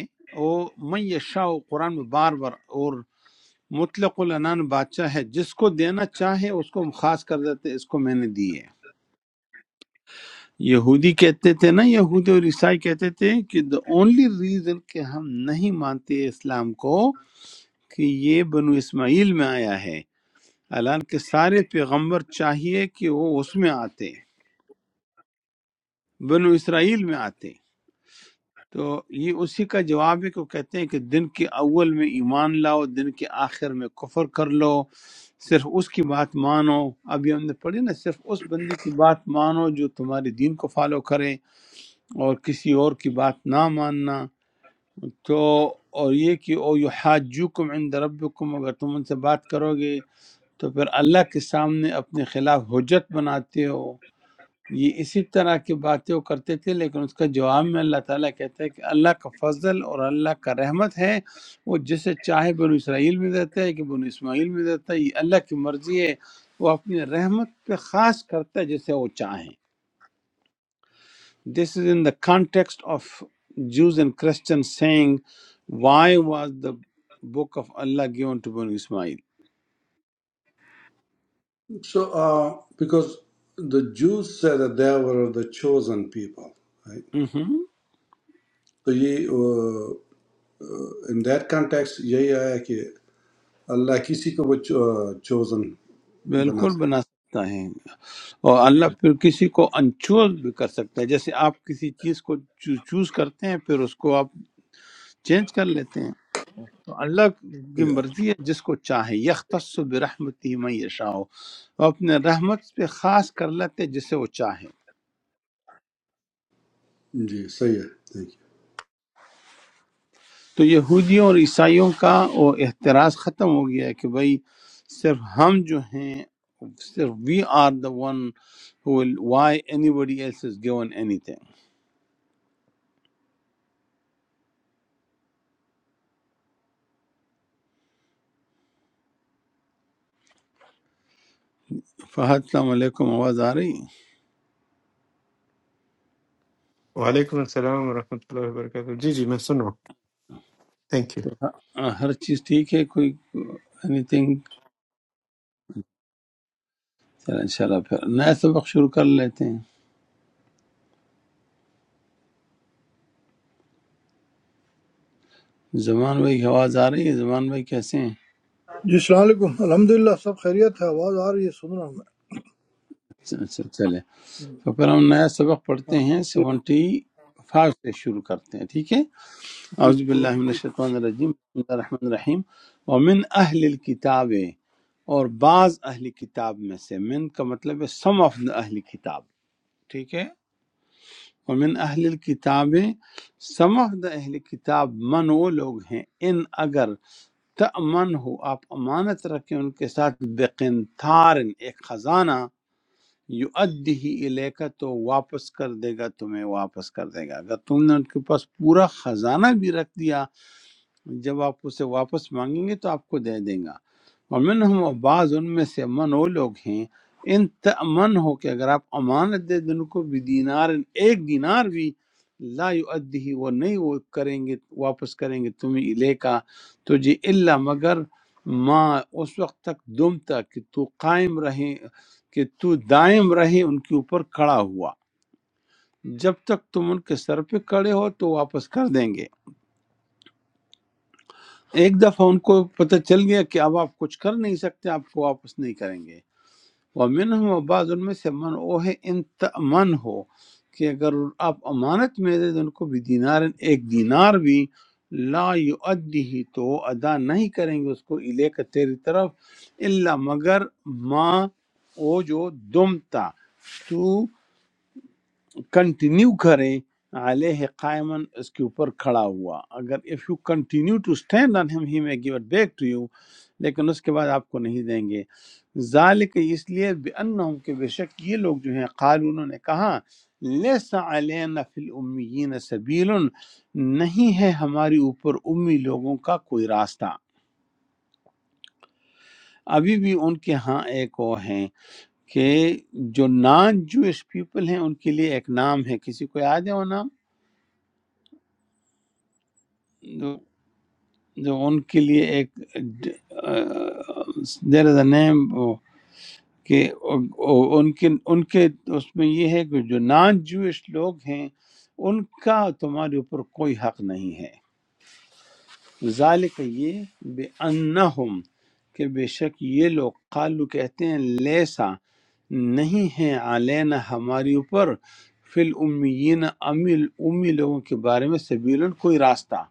[SPEAKER 1] وہ میں یشاء قرآن میں بار بار اور مطلق العنان بادشاہ ہے جس کو دینا چاہے اس کو خاص کر دیتے ہیں، اس کو میں نے دی ہے یہودی کہتے تھے نا یہودی اور عیسائی کہتے تھے کہ the only reason کہ ہم نہیں مانتے اسلام کو کہ یہ بنو اسماعیل میں آیا ہے الان کے سارے پیغمبر چاہیے کہ وہ اس میں آتے بنو اسرائیل میں آتے تو یہ اسی کا جواب ہے کہ وہ کہتے ہیں کہ دن کے اول میں ایمان لاؤ دن کے آخر میں کفر کر لو صرف اس کی بات مانو ابھی ہم نے پڑھی نا صرف اس بندی کی بات مانو جو تمہارے دین کو فالو کرے اور کسی اور کی بات نہ ماننا تو اور یہ کہ او یحاجوکم عند ربکم اگر تم ان سے بات کرو گے تو پھر اللہ کے سامنے اپنے خلاف حجت بناتے ہو یہ اسی طرح کی باتیں وہ کرتے تھے لیکن اس کا جواب میں اللہ تعالیٰ کہتا ہے کہ اللہ کا فضل اور اللہ کا رحمت ہے وہ جسے چاہے بنو اسرائیل میں دیتا ہے کہ بنو اسماعیل میں دیتا ہے یہ اللہ کی مرضی ہے وہ اپنی رحمت پہ خاص کرتا ہے جسے وہ چاہے this is in the context of Jews and Christian saying why was the book of Allah given to Banu Ismail
[SPEAKER 6] so because the جوز سے دا دیور دا چوزن پیپل
[SPEAKER 1] ہوں،
[SPEAKER 6] تو یہ ان دیٹ کنٹیکس یہی آیا کہ اللہ کسی کو وہ چوزن
[SPEAKER 1] بالکل
[SPEAKER 6] بناتا ہے
[SPEAKER 1] بنا سکتا ہے اور اللہ پھر کسی کو انچوز بھی کر سکتا ہے جیسے آپ کسی چیز کو چوز کرتے ہیں پھر اس کو آپ چینج کر لیتے ہیں تو اللہ کی
[SPEAKER 6] Yeah.
[SPEAKER 1] مرضی ہے جس کو چاہے یختص برحمتی من یشاء وہ اپنے رحمت پہ خاص کر لیتے ہیں جسے وہ چاہے
[SPEAKER 6] جی صحیح ہے تھینک
[SPEAKER 1] تو یہودیوں اور عیسائیوں کا وہ احتراز ختم ہو گیا ہے کہ بھائی صرف ہم جو ہیں صرف we are the one why anybody else is given anything Fahad السلام علیکم آواز آ رہی
[SPEAKER 7] وعلیکم السلام ورحمۃ اللہ وبرکاتہ جی جی میں سن رہا ہوں تھینک یو
[SPEAKER 1] تو ہاں، ہر چیز ٹھیک ہے کوئی اینی تھنگ چلیں ان شاء اللہ پھر نیا سبق شروع کر لیتے ہیں زمان بھائی کی آواز آ رہی ہے زمان بھائی کیسے ہیں
[SPEAKER 8] Assalamualaikum. Alhamdulillah, sab khairiat hai. Aaavaaaz aa rahi hai, sunna.
[SPEAKER 1] اچھا اچھا، چلیں تو پھر ہم نیا سبق پڑھتے ہیں سیونٹی فائیو سے شروع کرتے ہیں ٹھیک ہے اعوذ باللہ من الشیطان الرجیم بسم اللہ الرحمن الرحیم ومن اہل الکتاب اور بعض اہل کتاب میں سے من کا مطلب ہے سم آف دا اہل کتاب ٹھیک ہے ومن اہل الکتاب سم آف دا اہل کتاب من وہ لوگ ہیں ان اگر تأمن ہو آپ امانت رکھیں ان کے ساتھ بقنتار ایک خزانہ یؤدیہ الیکا تو واپس کر دے گا تمہیں واپس کر دے گا اگر تم نے ان کے پاس پورا خزانہ بھی رکھ دیا جب آپ اسے واپس مانگیں گے تو آپ کو دے دیں گا ومن ہم بعض ان میں سے من وہ لوگ ہیں ان تمن ہو کہ اگر آپ امانت دے دیں ان کو بھی دینار ایک دینار بھی لا یؤدی وہ نہیں وہ کریں گے واپس کریں گے تمہیں لے کا تو جی اللہ مگر ماں اس وقت تک دم تک کہ تو قائم رہیں کہ تو دائم رہیں ان کے اوپر کھڑا ہوا جب تک تم ان کے سر پہ کھڑے ہو تو واپس کر دیں گے ایک دفعہ ان کو پتہ چل گیا کہ اب آپ کچھ کر نہیں سکتے آپ کو واپس نہیں کریں گے وَمِنْهُمْ بعض ان میں سے من او ہے ان من ہو کہ اگر آپ امانت میں دے دیں ان کو بھی دینار ایک دینار بھی لا یؤدیہ تو وہ ادا نہیں کریں گے اس کو الے کا تیری طرف الا مگر ما او جو دم تا کنٹینیو کرے علیہ قائمن اس کے اوپر کھڑا ہوا اگر if you continue to stand on ہم ہی میں give it back to you لیکن اس کے بعد آپ کو نہیں دیں گے ذالک اس لیے بانہم کہ بے شک یہ لوگ جو ہیں قال انہوں نے کہا لیس علینا فی الامیین سبیل نہیں ہے ہماری اوپر امی لوگوں کا کوئی راستہ ابھی بھی ان کے ہاں ایک وہ ہیں کہ جو نان جوئش پیپل ہیں ان کے لیے ایک نام ہے کسی کو یاد ہے وہ نام جو ان کے لیے ایک دیر از اے نیم کہ ان کے ان کے اس میں یہ ہے کہ جو نان جوئش لوگ ہیں ان کا تمہارے اوپر کوئی حق نہیں ہے ذالک یہ بے انہم کہ بے شک یہ لوگ قالو کہتے ہیں لیسا نہیں ہے علینا ہماری اوپر فی الامیین امی امی لوگوں کے بارے میں سبیلن کوئی راستہ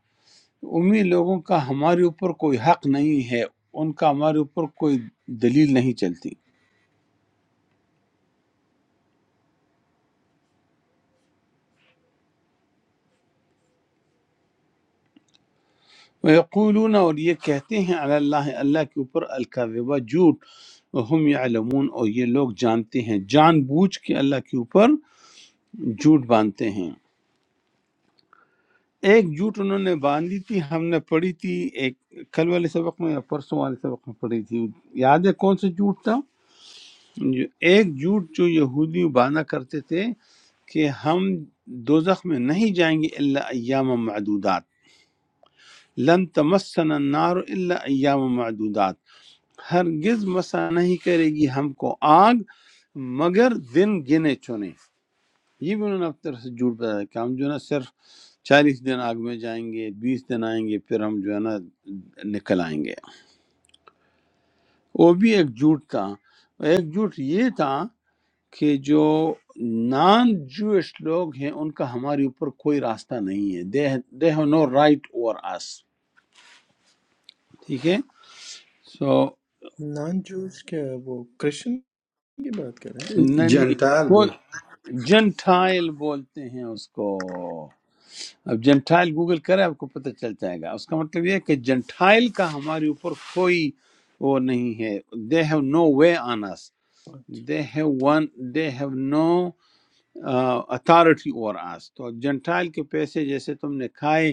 [SPEAKER 1] امی لوگوں کا ہمارے اوپر کوئی حق نہیں ہے ان کا ہمارے اوپر کوئی دلیل نہیں چلتی وَيَقُولُونَ اور یہ کہتے ہیں علی اللہ اللہ کے اوپر الکذبہ جھوٹ ہم یعلمون اور یہ لوگ جانتے ہیں جان بوجھ کے اللہ کے اوپر جھوٹ باندھتے ہیں ایک جھوٹ انہوں نے باندھی تھی ہم نے پڑھی تھی ایک کل والے سبق میں یا پرسوں والے سبق میں پڑھی تھی یاد ہے کون سا جھوٹ تھا جو ایک جھوٹ جو یہودی باندھا کرتے تھے کہ ہم دوزخ میں نہیں جائیں گے الا ایام معدودات لن تمسنا النار الا ایام معدودات ہرگز مسا نہیں کرے گی ہم کو آگ مگر دن گنے چنے یہ بھی انہوں نے اپنی طرف سے جھوٹ بتایا کہ ہم جو ہے نا صرف چالیس دن آگ میں جائیں گے بیس دن آئیں گے پھر ہم جو ہے نا نکل آئیں گے وہ بھی ایک جھوٹ تھا ایک جھوٹ یہ تھا کہ جو نان جوش لوگ ہیں ان کا ہمارے اوپر کوئی راستہ نہیں ہے they they have no right over اس ٹھیک ہے سو
[SPEAKER 2] نان جوز کیا ہے وہ کرسچن کی بات کر رہے ہیں
[SPEAKER 6] یو
[SPEAKER 1] نہیں
[SPEAKER 6] جینٹائل
[SPEAKER 1] وہ
[SPEAKER 6] بول
[SPEAKER 1] جنٹائل بولتے ہیں اس کو اب جنٹائل گوگل کرے آپ کو پتہ چل جائے گا اس کا مطلب یہ ہے کہ جنٹائل کا ہمارے اوپر کوئی وہ نہیں ہے they have no way on اس
[SPEAKER 2] اچھا
[SPEAKER 1] they have won they have no authority over us تو جنٹائل کے پیسے جیسے تم نے کھائے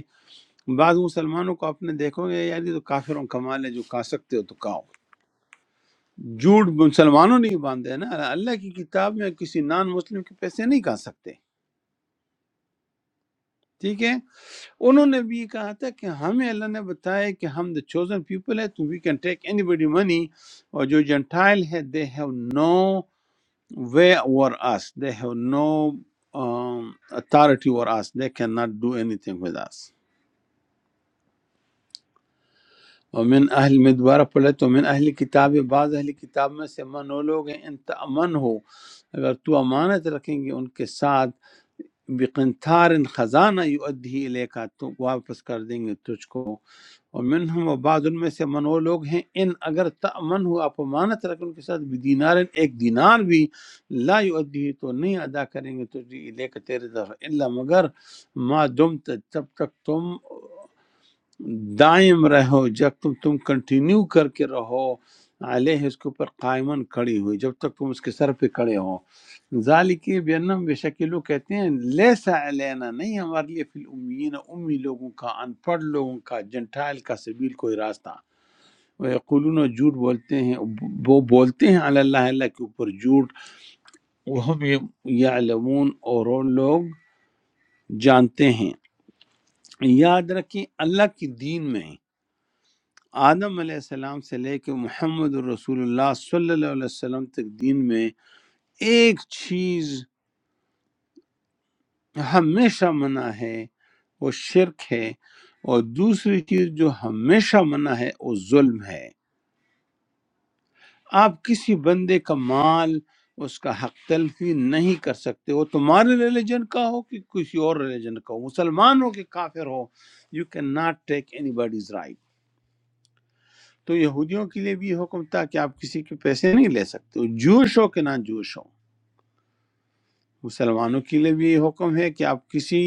[SPEAKER 1] بعض مسلمانوں کو آپ نے دیکھو گے یار یہ تو کافروں کا مال ہے جو کھا سکتے ہو تو کھاؤ جھوٹ مسلمانوں نہیں باندھے نا اللہ کی کتاب میں کسی نان مسلم کے پیسے نہیں کھا سکتے ٹھیک ہے انہوں نے بھی یہ کہا تھا کہ ہمیں اللہ نے بتایا کہ ہم دا چوزن پیپل ہے تو وی کین ٹیک اینی بڈی منی اور جو جنٹائل ہے they have no way over us they have no authority over us they can not do anything with us ومن اہل میں دوبارہ پڑھ لیتا ہوں من اہل کتاب بعض اہل کتاب میں سے من وہ لوگ ہیں ان تأمن ہو اگر تو امانت رکھیں گے ان کے ساتھ بقنطار خزانہ یؤدھی الیکا تو واپس کر دیں گے تجھ کو اور منہم و بعض ان میں سے من وہ لوگ ہیں ان اگر تأمن ہو آپ امانت رکھیں ان کے ساتھ بدینار ایک دینار بھی لا یؤدھی تو نہیں ادا کریں گے تجھ الیکا تیرے طرف الا مگر ما دمت جب تک تم دائم رہو جب تم تم کنٹینیو کر کے رہو علیہ اس کے اوپر قائمن کھڑی ہوئی جب تک تم اس کے سر پہ کھڑے ہو ذالکی بینم بے شک یہ لوگ کہتے ہیں لیسا علینا نہیں ہمارے لیے فی الامیین امی لوگوں کا ان پڑھ لوگوں کا جنٹائل کا سبیل کوئی راستہ وہ یقولون جھوٹ بولتے ہیں وہ بولتے ہیں علی اللہ اللہ کے اوپر جھوٹ وہ ہم یعلمون اور وہ لوگ جانتے ہیں یاد رکھیں اللہ کی دین میں آدم علیہ السلام سے لے کے محمد رسول اللہ صلی اللہ علیہ وسلم تک دین میں ایک چیز ہمیشہ منع ہے وہ شرک ہے اور دوسری چیز جو ہمیشہ منع ہے وہ ظلم ہے آپ کسی بندے کا مال اس کا حق تلفی نہیں کر سکتے وہ تمہارے ریلیجن کا ہو کہ کسی اور ریلیجن کا ہو مسلمان ہو کہ کافر ہو you can not take any bodies. تو یہودیوں کے لیے بھی یہ حکم تھا کہ آپ کسی کے پیسے نہیں لے سکتے ہو، جوش ہو کہ نان جوش ہو مسلمانوں کے لیے بھی یہ حکم ہے کہ آپ کسی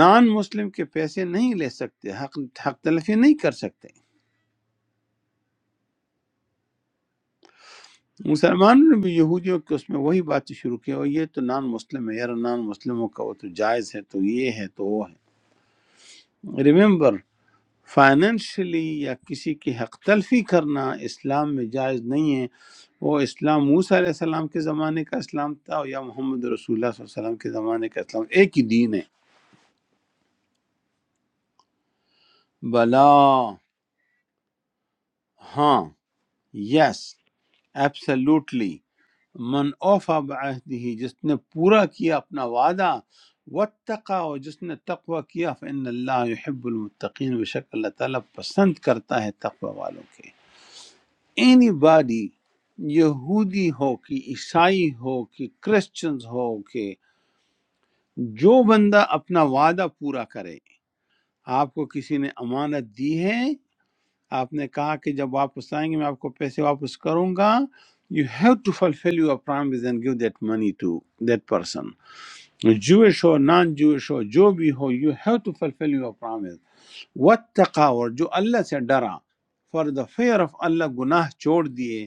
[SPEAKER 1] نان مسلم کے پیسے نہیں لے سکتے حق حق تلفی نہیں کر سکتے مسلمانوں نے بھی یہودیوں کے اس میں وہی باتیں شروع کی اور یہ تو نان مسلم ہے یار نان مسلموں کا وہ تو جائز ہے تو یہ ہے تو وہ ہے ریمبر فائنینشلی یا کسی کی حق تلفی کرنا اسلام میں جائز نہیں ہے وہ اسلام موسیٰ علیہ السلام کے زمانے کا اسلام تھا اور یا محمد رسول اللہ صلی اللہ علیہ وسلم کے زمانے کا اسلام ایک ہی دین ہے بلا ہاں یس ایبسلوٹلی من اوفا بعہدہ جس نے پورا کیا اپنا وعدہ واتقا اور جس نے تقوی کیا فإن اللہ یحب المتقین بشک اللہ تعالیٰ پسند کرتا ہے تقوی والوں کے اینی باڈی یہودی ہو کہ عیسائی ہو کہ کرسچنز ہو کہ جو بندہ اپنا وعدہ پورا کرے آپ کو کسی نے امانت دی ہے آپ نے کہا کہ جب واپس آئیں گے میں آپ کو پیسے واپس کروں گا you have to fulfil your promise and give that money to that person Jewish ہو نان جوش ہو جو بھی ہو you have to fulfil your promise what اور جو اللہ سے ڈرا for the fear of Allah گناہ چھوڑ دیے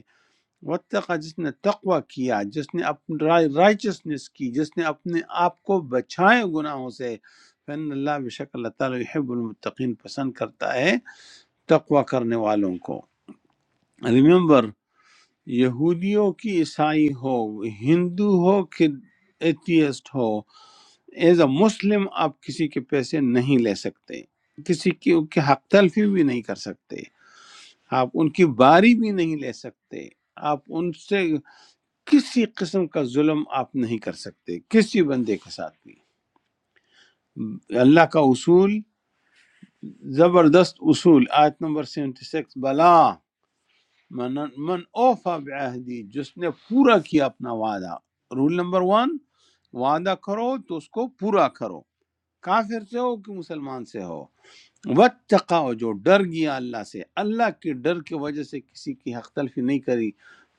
[SPEAKER 1] واتقا جس نے تقوی کیا جس نے اپنی رائچسنس کی جس نے اپنے آپ کو بچائے گناہوں سے فن اللہ بشک اللہ تعالیٰ یحب المتقین پسند کرتا ہے تقوی کرنے والوں کو ریممبر یہودیوں کی عیسائی ہو ہندو ہو کہ ایتھیسٹ ہو ایز اے مسلم آپ کسی کے پیسے نہیں لے سکتے کسی کی ان کی حق تلفی بھی نہیں کر سکتے آپ ان کی باری بھی نہیں لے سکتے آپ ان سے کسی قسم کا ظلم آپ نہیں کر سکتے کسی بندے کے ساتھ بھی اللہ کا اصول زبردست اصول آیت نمبر 76 بلا من من اوفا بعہدی جس نے پورا کیا اپنا وعدہ رول نمبر ون وعدہ کرو تو اس کو پورا کرو کافر سے ہو کہ مسلمان سے ہو وتقا جو ڈر گیا اللہ سے اللہ کے ڈر کی وجہ سے کسی کی حق تلفی نہیں کری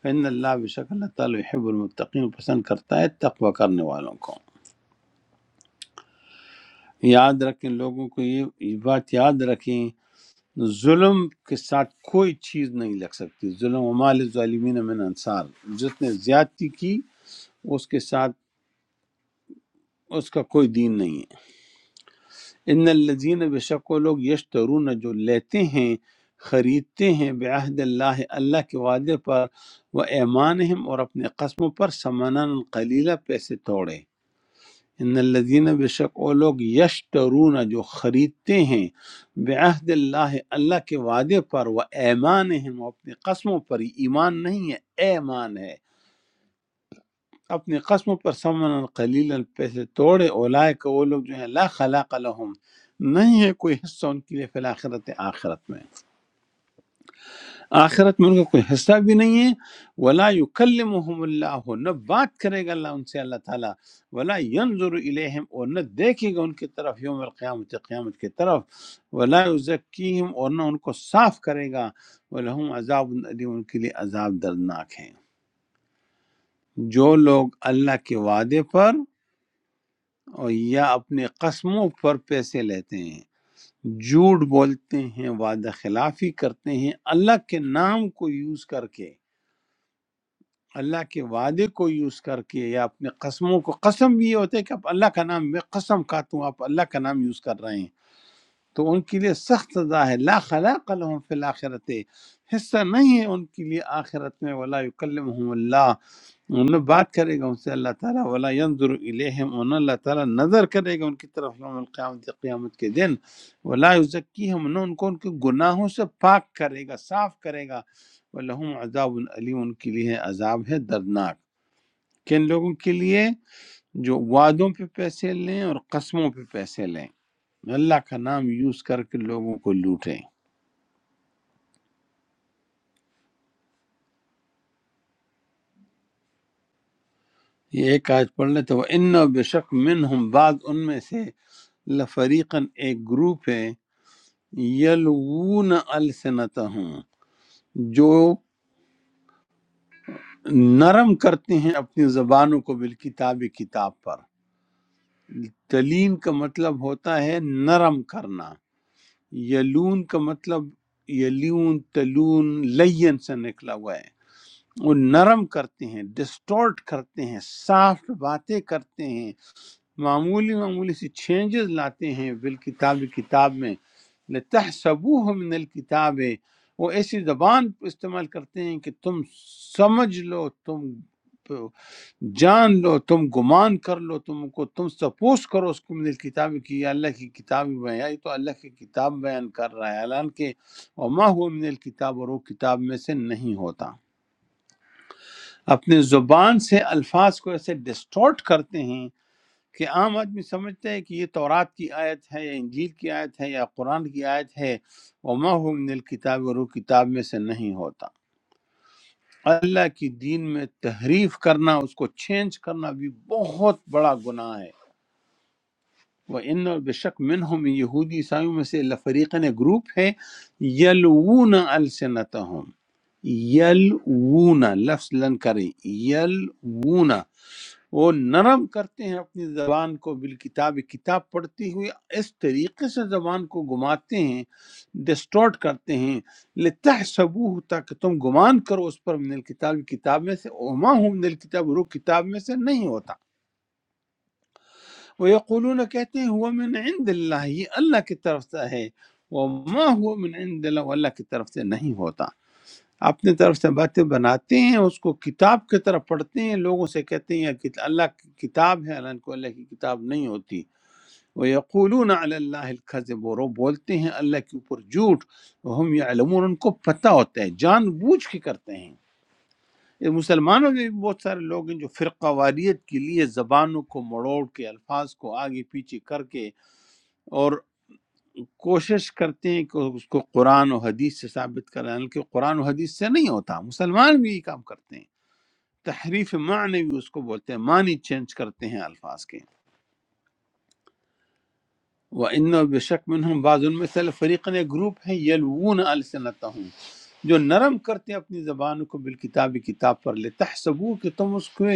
[SPEAKER 1] فإن اللہ بشک اللہ تعالی يحب المتقین پسند کرتا ہے تقوی کرنے والوں کو یاد رکھیں لوگوں کو یہ یہ بات یاد رکھیں ظلم کے ساتھ کوئی چیز نہیں لگ سکتی ظلم ہمال ظالمین من انصار جس نے زیادتی کی اس کے ساتھ اس کا کوئی دین نہیں ہے ان الذین بے شک وہ لوگ یشترون جو لیتے ہیں خریدتے ہیں بعہد اللہ اللہ کے وعدے پر وہ ایمان اور اپنے قسموں پر سمنن قلیلہ پیسے توڑے ان الذین بے شک وہ لوگ یشترون جو خریدتے ہیں بعہد اللہ اللہ کے وعدے پر و ایمان و اپنی قسموں پر یہ ایمان نہیں ہے ایمان ہے اپنی قسموں پر سمن قلیلا پیسے توڑے اولائے کہ وہ لوگ جو ہیں لا خلاق لهم نہیں ہے کوئی حصہ ان کے لیے فی الاخرت آخرت میں آخرت میں ان کا کوئی حصہ بھی نہیں ہے ولا یکلمہم اللہ نہ بات کرے گا اللہ ان سے اللہ تعالیٰ ولا ينظر الیہم اور نہ دیکھے گا ان کی طرف یوم القیامت قیامت کی طرف ولا یزکیہم اور نہ ان کو صاف کرے گا ولہم عذاب علیم ان کے لیے عذاب دردناک ہے جو لوگ اللہ کے وعدے پر اور یا اپنے قسموں پر پیسے لیتے ہیں جھوٹ بولتے ہیں وعدہ خلافی کرتے ہیں اللہ کے نام کو یوز کر کے اللہ کے وعدے کو یوز کر کے یا اپنے قسموں کو قسم بھی یہ ہوتا ہے کہ آپ اللہ کا نام میں قسم کھاتا ہوں آپ اللہ کا نام یوز کر رہے ہیں تو ان کے لیے سخت سزا ہے لا خلاق لهم فی الاخرت حصہ نہیں ہے ان کے لیے آخرت میں ولا یکلمہم اللہ انہوں نے بات کرے گا ان سے اللہ تعالیٰ ولا ينظر الیہم انہوں اللہ تعالیٰ نظر کرے گا ان کی طرف یوم القیامت قیامت کے دن ولا یزکیہم انہوں ان کو ان کے گناہوں سے پاک کرے گا صاف کرے گا ولہم عذاب علیم ان کے لیے عذاب ہے دردناک کن لوگوں کے لیے جو وعدوں پہ پیسے لیں اور قسموں پہ پیسے لیں اللہ کا نام یوز کر کے لوگوں کو لوٹیں یہ ایک آج پڑھ لیں تو ان بے شک من ہم بعض ان میں سے لفریقن ایک گروپ ہے یلوون السنتہم جو نرم کرتے ہیں اپنی زبانوں کو بالکتاب کتاب پر تلین کا مطلب ہوتا ہے نرم کرنا یلون کا مطلب یلون تلون لین سے نکلا ہوا ہے وہ نرم کرتے ہیں ڈسٹورٹ کرتے ہیں سافٹ باتیں کرتے ہیں معمولی معمولی سی چینجز لاتے ہیں بالکتاب کتاب میں لتحسبوه من الکتاب وہ ایسی زبان استعمال کرتے ہیں کہ تم سمجھ لو تم جان لو تم گمان کر لو تم کو تم سپوز کرو اس کو من الکتاب کی یہ اللہ کی کتاب میں بیان یہ تو اللہ کی کتاب بیان کر رہا ہے اعلان کہ وما هو من الکتاب اور وہ کتاب میں سے نہیں ہوتا اپنے زبان سے الفاظ کو ایسے ڈسٹورٹ کرتے ہیں کہ عام آدمی سمجھتا ہے کہ یہ تورات کی آیت ہے یا انجیل کی آیت ہے یا قرآن کی آیت ہے وما هو من الکتاب اور وہ کتاب میں سے نہیں ہوتا اللہ کی دین میں تحریف کرنا اس کو چینج کرنا بھی بہت بڑا گناہ ہے وہ ان بے شک منہم یہودی عیسائیوں میں سے لفریقن گروپ ہے یلوون السنتہم یلوون لفظ لن کریں یلوون وہ نرم کرتے ہیں اپنی زبان کو بالکتاب کتاب پڑھتی ہوئی اس طریقے سے زبان کو گھماتے ہیں ڈسٹورٹ کرتے ہیں لتحسبوه تاکہ تم گمان کرو اس پر من الکتاب کتاب میں سے وما ہم من الکتاب رو کتاب میں سے نہیں ہوتا وہ یقولون کہتے ہیں ہوا من عند اللہ یہ اللہ کی طرف سے ہے وما ہوا من عند اللہ وہ اللہ کی طرف سے نہیں ہوتا اپنے طرف سے باتیں بناتے ہیں اس کو کتاب کی طرح پڑھتے ہیں لوگوں سے کہتے ہیں کہ اللہ کی کتاب ہے اللہ کو اللہ کی کتاب نہیں ہوتی وہ یقولون علی اللہ الکذب اور وہ بولتے ہیں اللہ کے اوپر جھوٹ ہم یعلمون ان کو پتہ ہوتا ہے جان بوجھ کے کرتے ہیں یہ مسلمانوں میں بھی بہت سارے لوگ ہیں جو فرقہ واریت کے لیے زبانوں کو مڑوڑ کے الفاظ کو آگے پیچھے کر کے اور کوشش کرتے ہیں کہ اس کو قرآن و حدیث سے ثابت کریں حالانکہ قرآن و حدیث سے نہیں ہوتا مسلمان بھی یہ کام کرتے ہیں تحریف معنوی اس کو بولتے ہیں معنی چینج کرتے ہیں الفاظ کے وہ ان بے شک میں ہم بعض ان میں سے فریقن ایک گروپ ہے یلوون السنتہم جو نرم کرتے ہیں اپنی زبانوں کو بالکتاب کتاب پر لے تحسبو کہ تم اس کو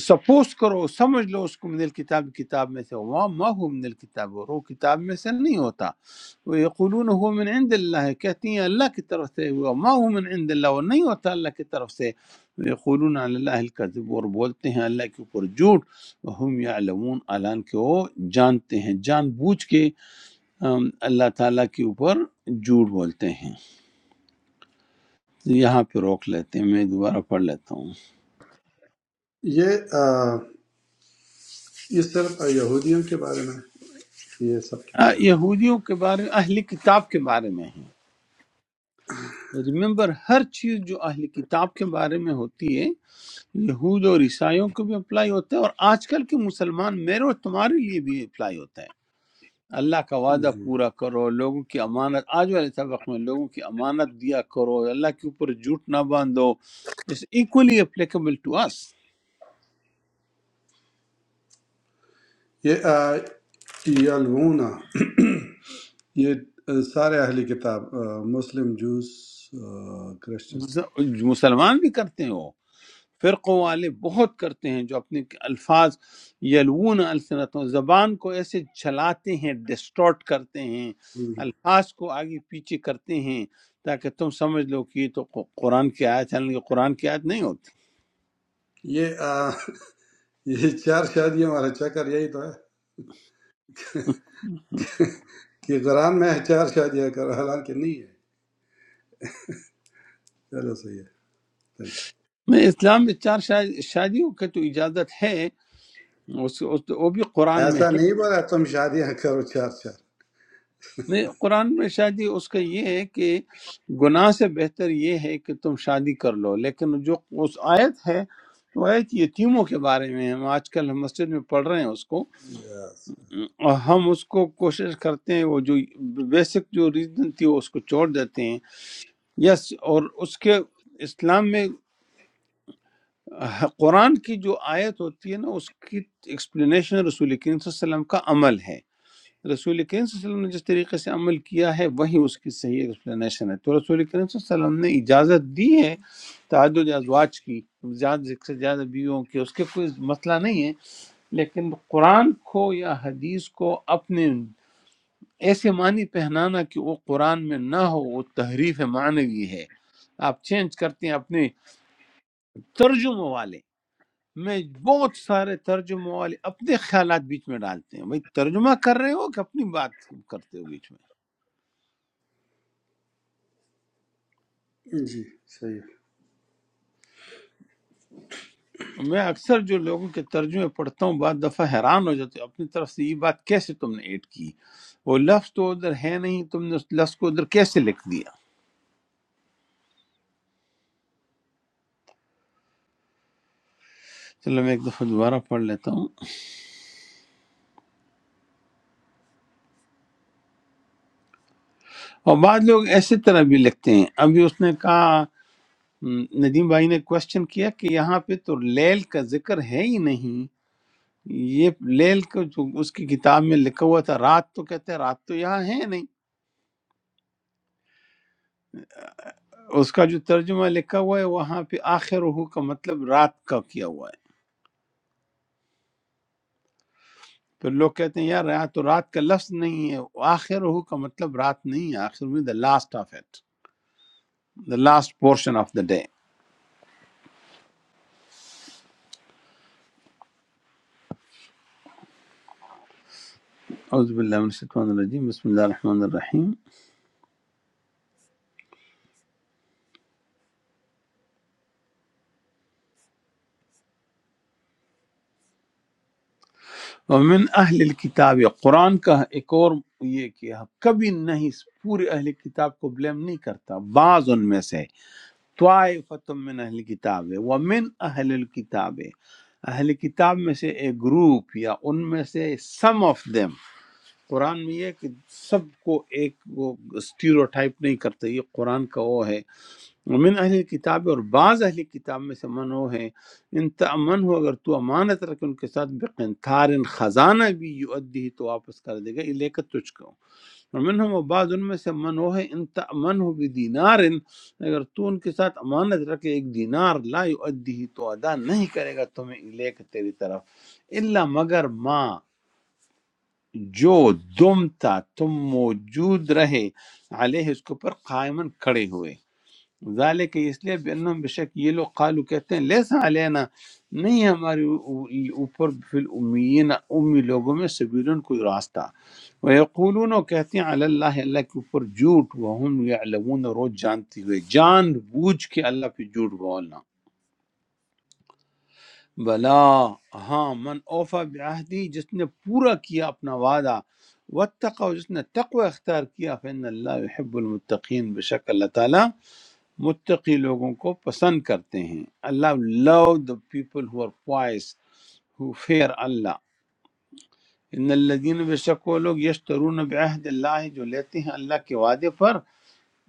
[SPEAKER 1] سپوز کرو سمجھ لو اس کو من الکتاب کتاب میں سے وما ما هو من الکتاب اور وہ کتاب میں سے نہیں ہوتا وہ یقولون هو من عند اللہ ہے، کہتی ہیں اللہ کی طرف سے ہوا ما هو من عند اللہ وہ نہیں ہوتا اللہ کی طرف سے وہ یقولون علی اللہ الکذب اور بولتے ہیں اللہ کے اوپر جھوٹ وهم یعلمون اعلان کہ وہ جانتے ہیں جان بوجھ کے ام، اللہ تعالیٰ کے اوپر جھوٹ بولتے ہیں یہاں پہ روک لیتے ہیں میں دوبارہ پڑھ لیتا ہوں
[SPEAKER 6] یہ آ، یہ صرف یہودیوں کے بارے میں ہے؟ یہ سب کے
[SPEAKER 1] آ،
[SPEAKER 6] بارے
[SPEAKER 1] یہودیوں کے بارے میں اہل کتاب کے بارے میں ہے۔ ریممبر ہر چیز جو اہل کتاب کے بارے میں ہوتی ہے یہود اور عیسائیوں کو بھی اپلائی ہوتا ہے اور آج کل کے مسلمان میرے اور تمہارے لیے بھی اپلائی ہوتا ہے اللہ کا
[SPEAKER 6] میں
[SPEAKER 1] وعدہ
[SPEAKER 6] جی
[SPEAKER 1] پورا کرو لوگوں کی امانت آج والے سبق میں لوگوں کی امانت دیا کرو اللہ کے اوپر جھوٹ نہ باندھو it's equally applicable to us
[SPEAKER 6] یہ آ، یلونا یہ آ، سارے اہلی کتاب آ، مسلم جوس آ، کرسچن
[SPEAKER 1] ز- مسلمان بھی کرتے ہیں وہ فرقوں والے بہت کرتے ہیں جو اپنے الفاظ یلوون السنتوں زبان کو ایسے چلاتے ہیں ڈسٹورٹ کرتے ہیں
[SPEAKER 6] ہم۔
[SPEAKER 1] الفاظ کو آگے پیچھے کرتے ہیں تاکہ تم سمجھ لو کہ یہ تو قو- قرآن کی آیت ہے حالانکہ قرآن کی آیت نہیں ہوتی
[SPEAKER 6] یہ آ، یہ چار شادیوں والا چکر یہی تو ہے کہ قرآن میں ہے چار شادیاں کرو حالانکہ نہیں ہے چلو صحیح ہے تھینک یو
[SPEAKER 1] میں اسلام میں چار شا- شادیوں کے تو اجازت ہے اس, اس, وہ بھی قرآن میں
[SPEAKER 6] ایسا نہیں بولا تم شادیاں کرو چار چار
[SPEAKER 1] نہیں قرآن میں شادی اس کا یہ ہے کہ گناہ سے بہتر یہ ہے کہ تم شادی کر لو لیکن جو اس آیت ہے وہ آیت یتیموں کے بارے میں ہے ہم آج کل ہم مسجد میں پڑھ رہے ہیں اس کو
[SPEAKER 6] Yes.
[SPEAKER 1] اور ہم اس کو کوشش کرتے ہیں وہ جو بیسک جو ریزن تھی وہ اس کو چھوڑ دیتے ہیں یس اور اس کے اسلام میں قرآن کی جو آیت ہوتی ہے نا اس کی ایکسپلینیشن رسول کریم صلی اللہ علیہ وسلم کا عمل ہے رسول کریم صلی اللہ علیہ وسلم نے جس طریقے سے عمل کیا ہے وہی اس کی صحیح ایکسپلینیشن ہے تو رسول کریم صلی اللہ علیہ وسلم نے اجازت دی ہے تعدد ازواج کی زیادہ سے زیادہ بیویوں کی اس کے کوئی مسئلہ نہیں ہے لیکن قرآن کو یا حدیث کو اپنے ایسے معنی پہنانا کہ وہ قرآن میں نہ ہو وہ تحریف معنوی ہے آپ چینج کرتے ہیں اپنے ترجمہ والے میں بہت سارے ترجمہ والے اپنے خیالات بیچ میں ڈالتے ہیں بھائی ترجمہ کر رہے ہو کہ اپنی بات کرتے ہو بیچ میں
[SPEAKER 6] جی صحیح ہے۔
[SPEAKER 1] میں اکثر جو لوگوں کے ترجمے پڑھتا ہوں بعض دفعہ حیران ہو جاتے ہوں، اپنی طرف سے یہ بات کیسے تم نے ایڈ کی وہ لفظ تو ادھر ہے نہیں تم نے اس لفظ کو ادھر کیسے لکھ دیا چلو میں ایک دفعہ دوبارہ پڑھ لیتا ہوں اور بعض لوگ ایسے طرح بھی لکھتے ہیں ابھی اس نے کہا ہم، ندیم بھائی نے کوشچن کیا کہ یہاں پہ تو لیل کا ذکر ہے ہی نہیں یہ لیل کا جو اس کی کتاب میں لکھا ہوا تھا رات تو کہتے ہیں رات تو یہاں ہے نہیں اس کا جو ترجمہ لکھا ہوا ہے وہاں پہ آخر ہو کا مطلب رات کا کیا ہوا ہے تو لوگ کہتے ہیں یار یہاں تو رات کا لفظ نہیں ہے آخر ہو کا مطلب رات نہیں ہے آخر میں the last of it the last portion of the day اعوذ باللہ من الشیطان الرجیم بسم اللہ الرحمن الرحیم ومن اہل الکتاب قرآن کا ایک اور یہ کہ کبھی نہیں پورے اہل کتاب کو بلیم نہیں کرتا بعض ان میں سے طائفۃ من اہل کتاب ہے ومن اہل الکتاب اہل کتاب میں سے ایک گروپ یا ان میں سے سم آف them قرآن میں یہ ہے کہ سب کو ایک وہ اسٹیریوٹائپ نہیں کرتے یہ قرآن کا وہ ہے من اہل کتاب اور بعض اہل کتاب میں سے من وہ ہے ان تمن ہو اگر تو امانت رکھ ان کے ساتھ بقنتار خزانہ بھی یؤدی تو واپس کر دے گا یہ لے کر تجھ کو اور من ہم بعض ان میں سے من وہ ہے ان تمن ہو بھی دینار اگر تو ان کے ساتھ امانت رکھے ایک دینار لا یؤدی تو ادا نہیں کرے گا تمہیں یہ لے کے تیری طرف اللہ مگر ما جو دم تا تم موجود رہے علیہ اس کے اوپر قائمن کھڑے ہوئے ذالک اس لیے بینم بشک یہ لوگ قالو کہتے ہیں لیسا علینا نہیں ہے ہمارے اوپر فی الامیین امی لوگوں میں سبیلن کوئی راستہ ویقولون وہ کہتے ہیں علی اللہ اللہ کے اوپر جھوٹ وہم یعلمون اور وہ جانتے ہوئے جان بوجھ کے اللہ پہ جھوٹ بولنا بلا ہاں من اوفا بعہدی جس نے پورا کیا اپنا وعدہ واتقا جس نے تقوی اختیار کیا فإن اللہ يحب المتقین بشک اللہ تعالیٰ متقی لوگوں کو پسند کرتے ہیں اللہ love the people who are wise who fear اللہ ان الذین بشک وہ لوگ یشترون بعہد اللہ جو لیتے ہیں اللہ کے وعدے پر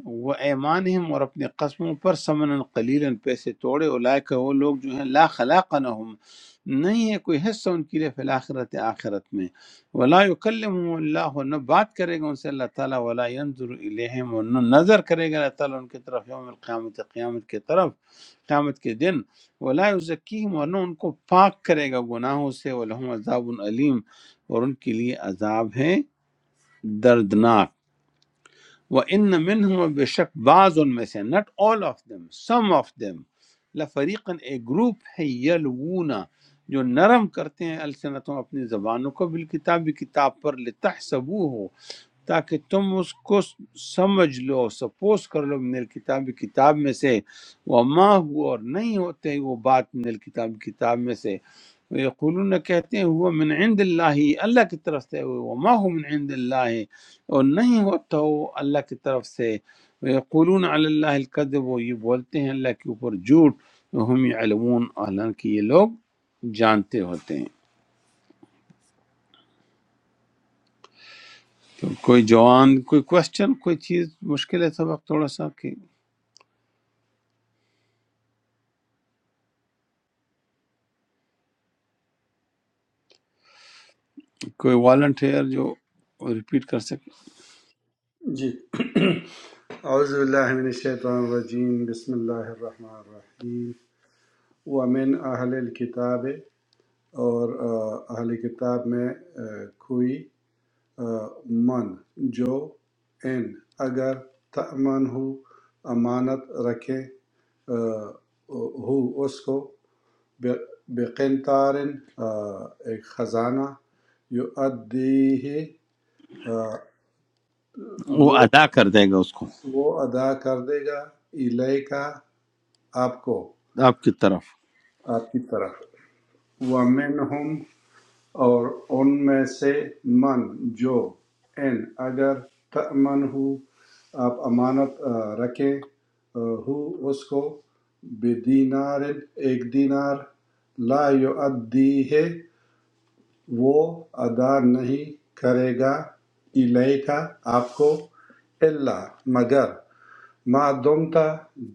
[SPEAKER 1] وہ ایمانہم اور اپنی قسموں پر سمن قلیلا پیسے توڑے اولئک وہ لوگ جو ہیں لا خلاق لهم نہیں ہے کوئی حصہ ان کے لیے فی الاخرت آخرت میں ولا یکلمهم اللہ نہ بات کرے گا ان سے اللہ تعالیٰ ولا ينظر الیہم اور نہ نظر کرے گا اللہ تعالیٰ ان کی طرف یوم القیامت قیامت کی طرف قیامت کے دن ولا یزکیہم اور نہ ان کو پاک کرے گا گناہوں سے ولہم عذاب علیم اور ان کے لیے عذاب ہے دردناک وہ ان منہم بے شک بعض ان میں سے نٹ all of them some of them لفریقن ایک گروپ ہے یلونا جو نرم کرتے ہیں السنتوں اپنی زبانوں کو بالکتاب کتاب پر لتحسبوه تاکہ تم اس کو سمجھ لو سپوز کر لو من الکتاب کتاب میں سے وما ہوا اور نہیں ہوتے وہ بات من الکتاب کتاب میں سے یقولون کہتے ہیں ہوا من عند اللہ اللہ کی طرف سے وما ہو من عند اللہ اور نہیں ہوتا وہ اللہ کی طرف سے یقولون علی اللہ الکذب وہ یہ بولتے ہیں اللہ کے اوپر جھوٹ ہم علمون حالانکہ یہ لوگ جانتے ہوتے ہیں تو کوئی جوان کوئی کوشچن کوئی چیز مشکل ہے سبق تھوڑا سا کہ کوئی والنٹیئر جو ریپیٹ کر سکے
[SPEAKER 6] جی اعوذ باللہ من الشیطان الرجیم بسم اللہ الرحمن الرحیم ومن اہل الکتاب اور آ، اہل کتاب میں آ، کوئی آ، من جو ان اگر تأمن ہو امانت رکھے آ، ہو اس کو بے- بقنطارن آ، ایک خزانہ یؤدیہ آ،
[SPEAKER 1] وہ
[SPEAKER 6] وہ
[SPEAKER 1] ادا کر دے گا اس کو
[SPEAKER 6] وہ ادا کر دے گا الیکا آپ کو
[SPEAKER 1] آپ کی طرف
[SPEAKER 6] آپ کی طرف وَمِنْهُمْ اور ان میں سے من جو ان اگر تأمن ہو آپ امانت آ، رکھیں آ، ہو اس کو بدینار ایک دینار لا یؤدی ہے وہ ادا نہیں کرے گا الیکا آپ کو اللہ مگر ما دمتَ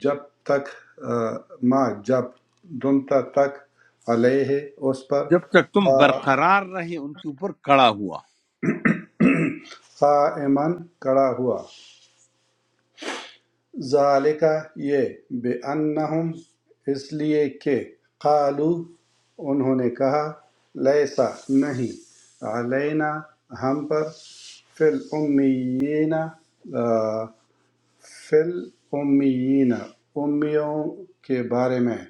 [SPEAKER 6] جب تک ما جب دمتَ تک علیہ اس پر
[SPEAKER 1] جب تک تم
[SPEAKER 6] قا-
[SPEAKER 1] برقرار رہے ان کے اوپر کڑا ہوا
[SPEAKER 6] قائمًا کڑا ہوا ذالک یہ بے انہم اس لیے کہ قالو انہوں نے کہا لیسا نہیں علینا ہم پر فل امیین فل امیین امیوں کے بارے میں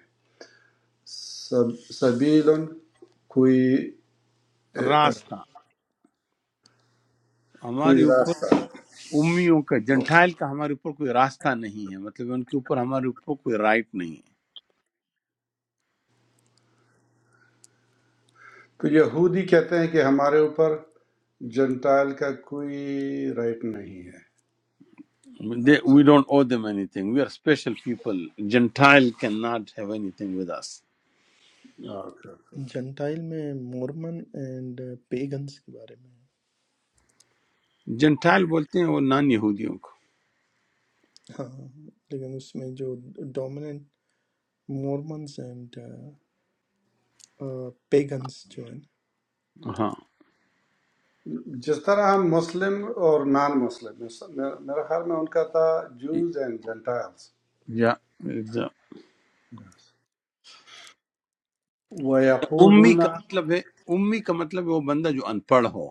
[SPEAKER 6] سب- سبیلن کوئی
[SPEAKER 1] راستہ ہمارے
[SPEAKER 6] کوئی
[SPEAKER 1] اوپر
[SPEAKER 6] راستہ
[SPEAKER 1] امیوں کا جنٹائل کا ہمارے اوپر کوئی راستہ نہیں ہے مطلب ان کے اوپر ہمارے اوپر کوئی رائٹ نہیں ہے
[SPEAKER 6] تو یہودی کہتے ہیں کہ ہمارے اوپر جنٹائل کا کوئی رائٹ نہیں ہے اچھا
[SPEAKER 1] we don't owe them anything we are special people gentile can not have anything with us
[SPEAKER 6] okay okay
[SPEAKER 2] gentile میں مورمن اینڈ پیگنز کے بارے میں
[SPEAKER 1] جنٹائل بولتے ہیں وہ نان یہودیوں کو
[SPEAKER 2] ہاں لیکن اس میں جو ڈومیننٹ مورمنز اینڈ پیگنز جو ہیں
[SPEAKER 1] ہاں
[SPEAKER 6] جس طرح ہم مسلم اور نان مسلم میرا خیال میں ان کا تھا جوز اینڈ جنٹائلس
[SPEAKER 1] یا یا- امی
[SPEAKER 6] وَيَقُولُونَ
[SPEAKER 1] کا مطلب ہے امی کا مطلب ہے وہ بندہ جو ان پڑھ ہو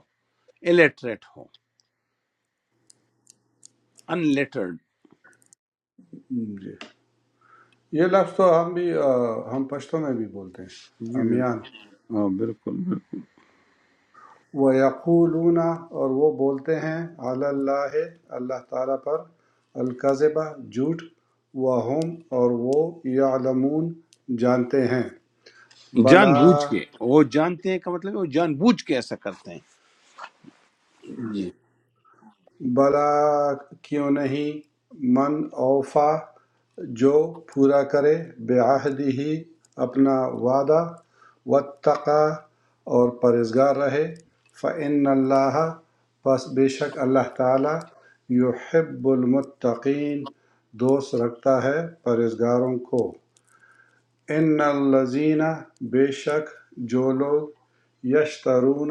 [SPEAKER 1] الیٹریٹ ہو ان لیٹرڈ
[SPEAKER 6] جی یہ لفظ تو ہم بھی آ، ہم پشتوں میں بھی بولتے ہیں
[SPEAKER 1] جی بالکل
[SPEAKER 6] امیان
[SPEAKER 1] ہاں بالکل بالکل
[SPEAKER 6] وَيَقُولُونَ اور وہ بولتے ہیں علی اللہ اللہ تعالیٰ پر القذبہ جھوٹ وَهُمْ اور وہ یعلمون جانتے ہیں
[SPEAKER 1] جان بوجھ
[SPEAKER 6] بلا
[SPEAKER 1] کے وہ جانتے ہیں کا مطلب ہے وہ جان بوجھ کے ایسا کرتے ہیں جی
[SPEAKER 6] بھلا کیوں نہیں من اوفا جو پورا کرے بعہدہ ہی اپنا وعدہ واتقا اور پرہیزگار رہے فإن اللہ پس بے شک اللہ تعالی یحب المتقین دوست رکھتا ہے پرہیزگاروں کو ان الذین بے شک جو لوگ یشترون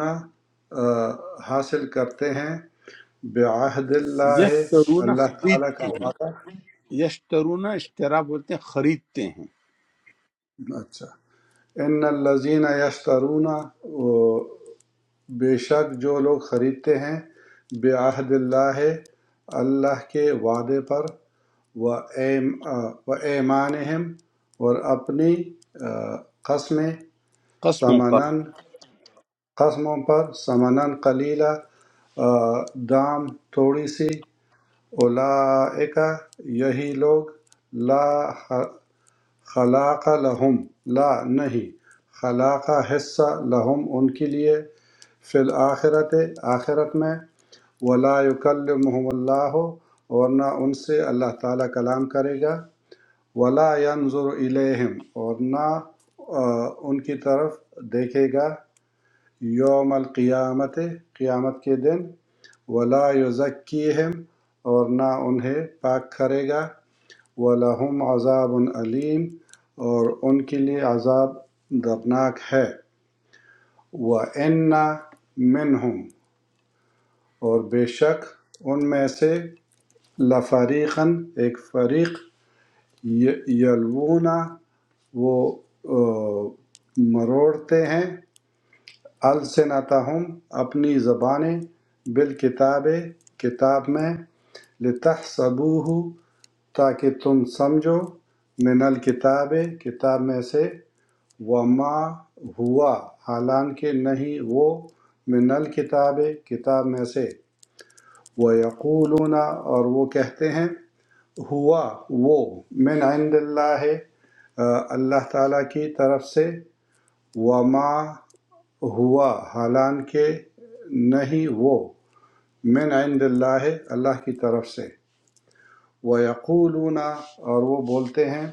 [SPEAKER 6] حاصل کرتے ہیں بعہد اللہ
[SPEAKER 1] یشترونا
[SPEAKER 6] اللہ تعالیٰ
[SPEAKER 1] خریدتے
[SPEAKER 6] کا
[SPEAKER 1] ہیں
[SPEAKER 6] وعدہ
[SPEAKER 1] یشترونا اشترا بولتے ہیں خریدتے ہیں
[SPEAKER 6] اچھا ان الذین یشترون وہ بے شک جو لوگ خریدتے ہیں بعہد اللہ اللہ کے وعدے پر و ایمانہم اور اپنی آ، قسمیں
[SPEAKER 1] قسموں پر
[SPEAKER 6] سمنن خصموں پر ثمنا قلیلا آ، دام تھوڑی سی اولئک یہی لوگ لا خ- خلاق لہم لا نہیں خلاق حصہ لہم ان کے لیے فی الآخرت آخرت میں ولا یکلمهم اللہ اور نہ ان سے اللہ تعالیٰ کلام کرے گا ولا ينظر الیہم اور نہ آ، ان کی طرف دیکھے گا یوم القیامت قیامت کے دن ولا یزکیہم اور نہ انہیں پاک کرے گا ولہم عذاب علیم اور ان کے لیے عذاب دردناک ہے وَإِنَّ مِنْهُمْ اور بے شک ان میں سے لفریقاً ایک فریق ی- یلوون وہ آ، مروڑتے ہیں السنتہم اپنی زبانیں بالکتاب کتاب میں لتحسبوہ تاکہ تم سمجھو من الکتاب کتاب میں سے وما ہوا حالانکہ نہیں وہ من الکتاب کتاب میں سے وہ یقولون اور وہ کہتے ہیں ہوا وہ من عند اللہ ہے آ، اللہ تعالیٰ کی طرف سے وما ہوا حالانکہ نہیں وہ من عند اللہ اللہ کی طرف سے وَيَقُولُونَ اور وہ بولتے ہیں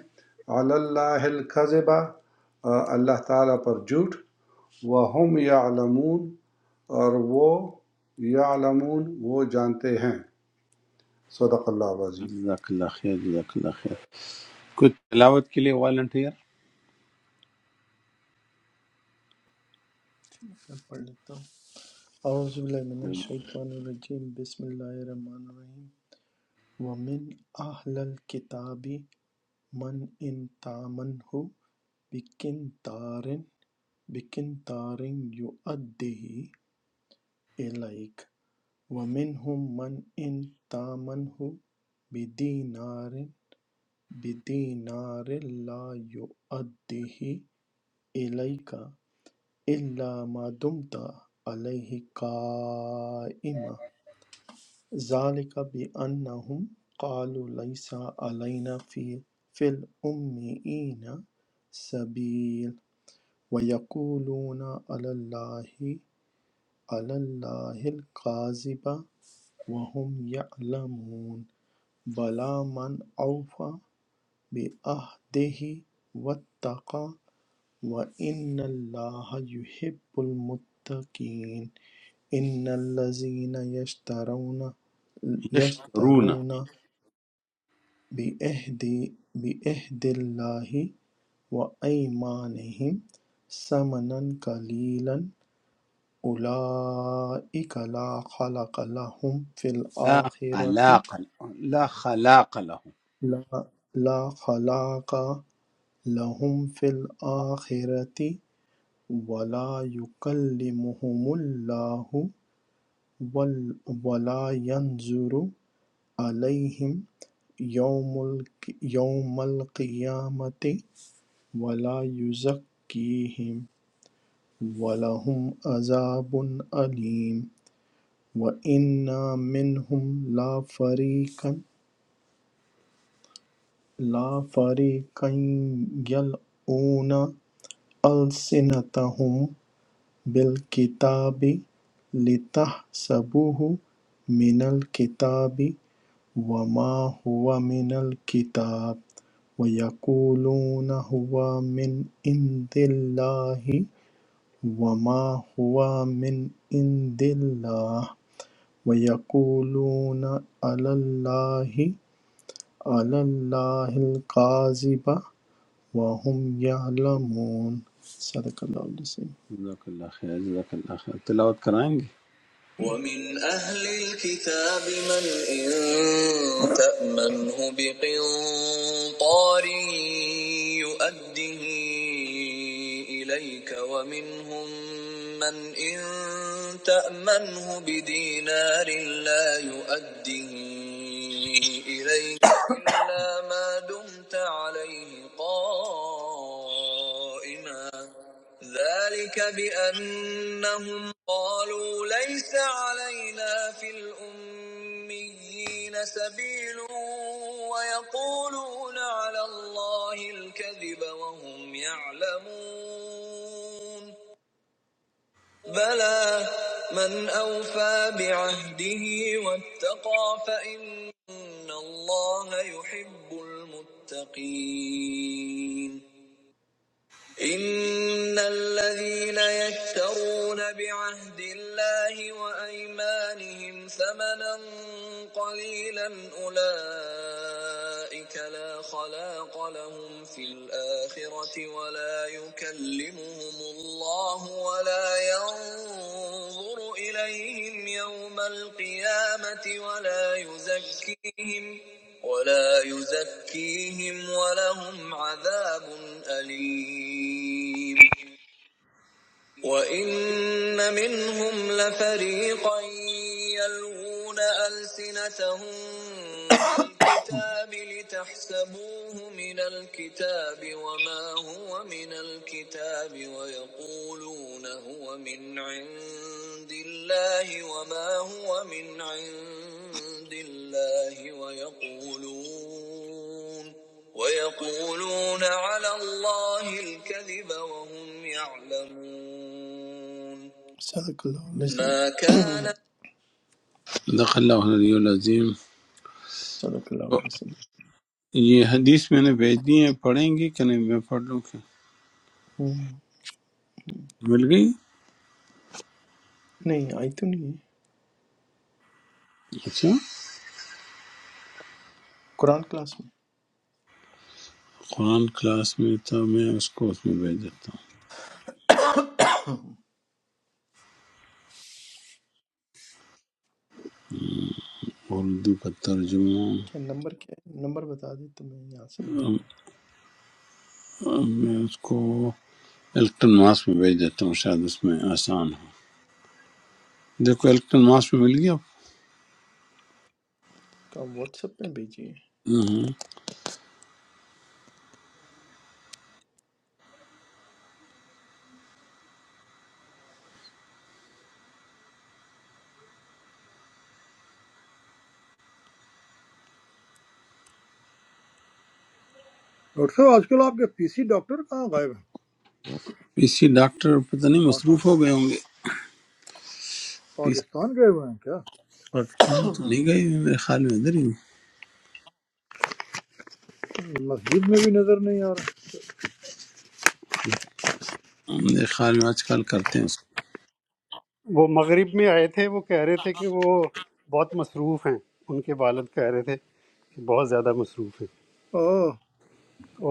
[SPEAKER 6] علی اللہ القذبہ اللہ تعالیٰ پر جھوٹ وَهُمْ يَعْلَمُونَ اور وہ یعلمون وہ جانتے ہیں صدق اللہ العظیم
[SPEAKER 1] جزاک اللہ خیر جزاک اللہ خیر کوئی تلاوت کے لیے والنٹیئر
[SPEAKER 2] میں پڑھ لیتا ہوں اعوذ باللہ من الشیطان الرجیم بسم اللہ الرحمن الرحیم ومن اہل الکتاب من ان تامنہ بکنتارن بکنتارن یؤدیہ الیک وَمِنْهُمْ مَنْ إِنْ تَأْمَنْهُ بِدِينَارٍ بِدِينَارٍ لَا يُؤَدِّهِ إِلَيْكَ إِلَّا مَا دُمْتَ عَلَيْهِ قَائِمًا ذَلِكَ بِأَنَّهُمْ قَالُوا لَيْسَ عَلَيْنَا فِي فِي الْأُمِّيِّينَ سَبِيلٌ وَيَقُولُونَ عَلَى اللَّهِ عَلَى اللَّهِ الْكَاذِبَ وَهُمْ يَعْلَمُونَ بَلَىٰ مَنْ أَوْفَىٰ بِعَہْدِهِ وَاتَّقَىٰ وَإِنَّ اللَّهَ يُحِبُّ الْمُتَّقِينَ إِنَّ الَّذِينَ يَشْتَرُونَ
[SPEAKER 1] یشترونا
[SPEAKER 2] يَشْتَرُونَ بِعَهْدِ بِعَهْدِ اللَّهِ وَأَيْمَانِهِمْ ثَمَنًا قَلِيلًا أُولَئِكَ لَا خَلْقَ لَهُمْ فِي
[SPEAKER 1] لا
[SPEAKER 2] الْآخِرَةِ
[SPEAKER 1] خلاق لا خلاق لهم
[SPEAKER 2] لَا, لا خلاق لَهُمْ فِي الْآخِرَةِ وَلَا يُكَلِّمُهُمُ اللَّهُ وَلَا يَنْظُرُ إِلَيْهِمْ يَوْمَ الْقِيَامَةِ وَلَا يُزَكِّيهِمْ وَلَهُمْ عَذَابٌ أَلِيمٌ وَإِنَّ مِنْهُمْ لَفَرِيقًا لَفَرِيقًا يَلْوُونَ أَلْسِنَتَهُمْ بالکتاب لتحسبوه من الكتاب وما هو من الكتاب ويقولون هو من عند الله وما هو من عند الله ويقولون على الله على الله الكاذب وهم يعلمون صدق اللہ علیہ وسلم.
[SPEAKER 1] جزاک اللہ خیر جزاک اللہ خیر تلاوت کرائیں گے
[SPEAKER 2] ومن أهل الكتاب من إن تأمنه بقنطار يؤده إليك ومنهم من إن تأمنه بدينار لا يؤده إليك إلا ما دمت عليه عليه قائما ذلك بأنهم قالوا ليس علينا في الأميين سبيل ويقولون على الله الكذب وهم يعلمون بلى من أوفى بعهده واتقى فإن الله يحب المتقين إن الذين يشترون بعهد الله وأيمانهم ثمنا قليلا أولئك لا خلاق لهم في الآخرة ولا يكلمهم الله ولا ينظر ينظر إليهم يوم القيامة ولا يزكيهم ولا يزكيهم ولهم عذاب أليم وَإِنَّ مِنْهُمْ لَفَرِيقًا يَلْوُونَ أَلْسِنَتَهُم بِالْكِتَابِ لِتَحْسَبُوهُ مِنَ الْكِتَابِ وَمَا هُوَ مِنَ الْكِتَابِ وَيَقُولُونَ هُوَ مِنْ عِندِ اللَّهِ وَمَا هُوَ مِنْ عِندِ اللَّهِ وَيَقُولُونَ ويقولون على الله الکذب وهم يعلمون صدق اللہ علیہ وسلم ما کان
[SPEAKER 1] صدق اللہ العلی العظیم
[SPEAKER 2] صدق اللہ علیہ وسلم
[SPEAKER 1] یہ حدیث میں نے بھیج دی ہے پڑھیں گے کہ نہیں میں پڑھ لوں کہ
[SPEAKER 2] ہوں،
[SPEAKER 1] مل گئی
[SPEAKER 2] نہیں آئی تو نہیں ہے
[SPEAKER 1] اچھا
[SPEAKER 2] قرآن کلاس میں
[SPEAKER 1] قرآن کلاس میں تھا میں اس کو اس میں بھیج دیتا ہوں اردو کا ترجمہ
[SPEAKER 2] کیا نمبر کیا ہے نمبر بتا دیں تو میں یہاں سے نکال
[SPEAKER 1] ام-
[SPEAKER 2] لیتا ہوں
[SPEAKER 1] ام- میں اس کو الکٹن ماس میں بھیج دیتا ہوں شاید اس میں آسان ہو دیکھو الکٹن ماس میں مل گیا
[SPEAKER 2] کام واٹس ایپ میں بھیجیے
[SPEAKER 1] ہاں۔
[SPEAKER 8] Or so, aajkal aapke PC doctor kahan gaye?
[SPEAKER 1] اسی ڈاکٹر پتہ نہیں مصروف ہو گئے ہوں گے اس
[SPEAKER 8] Pakistan gaye hain kya?
[SPEAKER 1] Patna تو
[SPEAKER 2] ہاں
[SPEAKER 1] نہیں گئی میرے خیال میں ادھر ہی ہوں۔
[SPEAKER 8] Masjid mein bhi nazar nahi aa raha.
[SPEAKER 1] میرے خیال میں آج کل کرتے ہیں اس
[SPEAKER 5] وہ مغرب میں آئے تھے وہ کہہ رہے تھے کہ وہ بہت مصروف ہیں ان کے والد کہہ رہے تھے کہ بہت زیادہ مصروف ہیں
[SPEAKER 8] Oh,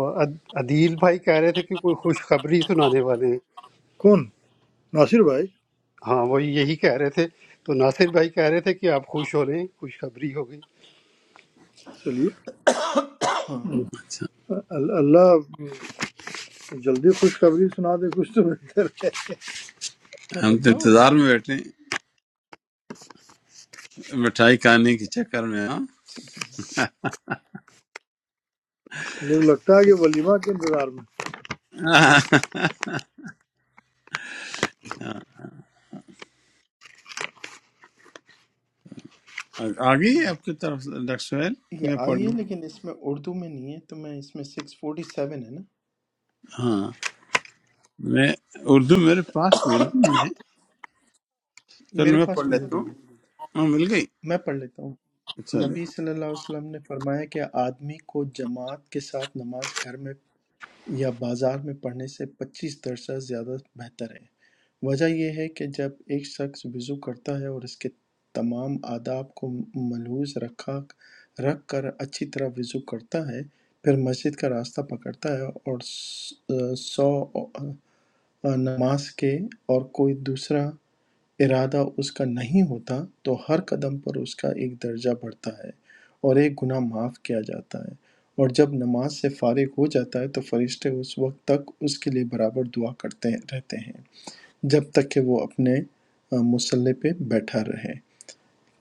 [SPEAKER 5] اور عد- عدیل بھائی کہہ رہے تھے کہ کوئی خوشخبری سنانے والے ہیں
[SPEAKER 8] koun? Nasir bhai.
[SPEAKER 5] ہاں وہی یہی کہہ رہے تھے تو ناصر بھائی کہہ رہے تھے کہ آپ خوش ہو رہے ہیں خوشخبری ہو گئی
[SPEAKER 8] Chaliye.
[SPEAKER 2] ہاں
[SPEAKER 8] Allah, jaldi kuch kabuli sunade kuch tumne.
[SPEAKER 1] کو
[SPEAKER 2] کیا
[SPEAKER 1] ہم تو
[SPEAKER 2] بچہ ہو رہا ہے
[SPEAKER 1] انتظار میں بیٹھے ہیں مٹھائی کھانے کے چکر میں ہاں
[SPEAKER 8] Luttaa gaye
[SPEAKER 2] six
[SPEAKER 8] wali maan ke nazar mein.
[SPEAKER 1] آ گئی ہے آپ کی طرف سے ڈاکٹر سہیل
[SPEAKER 2] یہ
[SPEAKER 1] میں
[SPEAKER 2] آئی
[SPEAKER 1] پڑھ
[SPEAKER 2] ہے
[SPEAKER 1] لوں
[SPEAKER 2] لیکن اس میں اردو میں نہیں ہے تو میں اس میں سکس فورٹی سیون ہے نا
[SPEAKER 1] ہاں میں اردو میرے پاس تو اردو میں ہے چلو
[SPEAKER 2] میرے
[SPEAKER 1] میں
[SPEAKER 2] پاس
[SPEAKER 1] پڑھ
[SPEAKER 2] مل
[SPEAKER 1] لیتا ہوں
[SPEAKER 2] گئی ہے
[SPEAKER 1] ہاں مل گئی
[SPEAKER 2] میں پڑھ لیتا ہوں نبی
[SPEAKER 1] چلو
[SPEAKER 2] صلی اللہ علیہ وسلم نے فرمایا کہ آدمی کو جماعت کے ساتھ نماز گھر میں یا بازار میں پڑھنے سے پچیس درصد زیادہ بہتر ہے وجہ یہ ہے کہ جب ایک شخص وضو کرتا ہے اور اس کے تمام آداب کو ملحوظ رکھا رکھ کر اچھی طرح وضو کرتا ہے پھر مسجد کا راستہ پکڑتا ہے اور س- سو نماز کے اور کوئی دوسرا ارادہ اس کا نہیں ہوتا تو ہر قدم پر اس کا ایک درجہ بڑھتا ہے اور ایک گناہ معاف کیا جاتا ہے اور جب نماز سے فارغ ہو جاتا ہے تو فرشتے اس وقت تک اس کے لیے برابر دعا کرتے رہتے ہیں جب تک کہ وہ اپنے آ، مسلح پہ بیٹھا رہے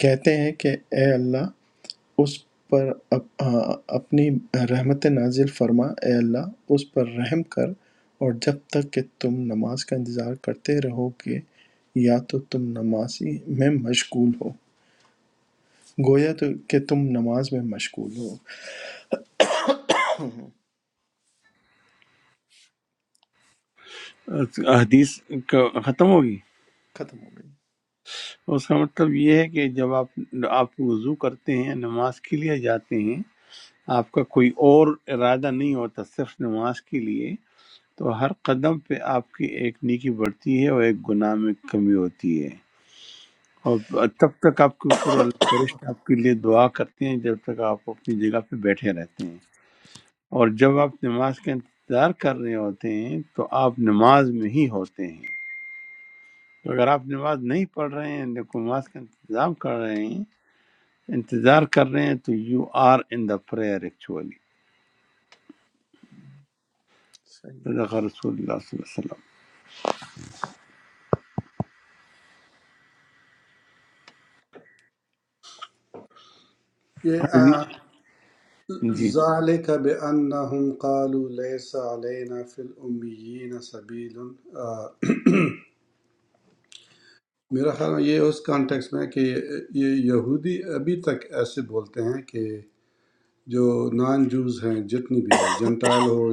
[SPEAKER 2] کہتے ہیں کہ اے اللہ اس پر اپ- آ، اپنی رحمتیں نازل فرما اے اللہ اس پر رحم کر اور جب تک کہ تم نماز کا انتظار کرتے رہو گے یا تو تم نماز ہی میں مشغول ہو گویا تو کہ تم نماز میں مشغول ہو
[SPEAKER 1] حدیث کا- ختم ہوگی
[SPEAKER 2] ختم ہو گئی
[SPEAKER 1] اس کا مطلب یہ ہے کہ جب آپ آپ وضو کرتے ہیں نماز کے لیے جاتے ہیں آپ کا کوئی اور ارادہ نہیں ہوتا صرف نماز کے لیے تو ہر قدم پہ آپ کی ایک نیکی بڑھتی ہے اور ایک گناہ میں کمی ہوتی ہے اور تب تک آپ کے اوپر اللہ فرشتے آپ کے لیے دعا کرتے ہیں جب تک آپ اپنی جگہ پہ بیٹھے رہتے ہیں اور جب آپ نماز کا انتظار کر رہے ہوتے ہیں تو آپ نماز میں ہی ہوتے ہیں تو اگر آپ نماز نہیں پڑھ رہے ہیں لیکن نماز کا انتظام کر رہے ہیں انتظار کر رہے ہیں تو you are in the prayer actually
[SPEAKER 2] صحیح ہے۔
[SPEAKER 1] صدق رسول اللہ صلی اللہ علیہ
[SPEAKER 6] یہ آ،
[SPEAKER 1] وسلم جی جی
[SPEAKER 6] ذالک بانہم قالوا لیس علینا فی الامین سبیل میرا خیال میں یہ اس کانٹیکس میں ہے کہ یہ یہودی ابھی تک ایسے بولتے ہیں کہ جو نان جوز ہیں جتنی بھی ہے جنٹال ہو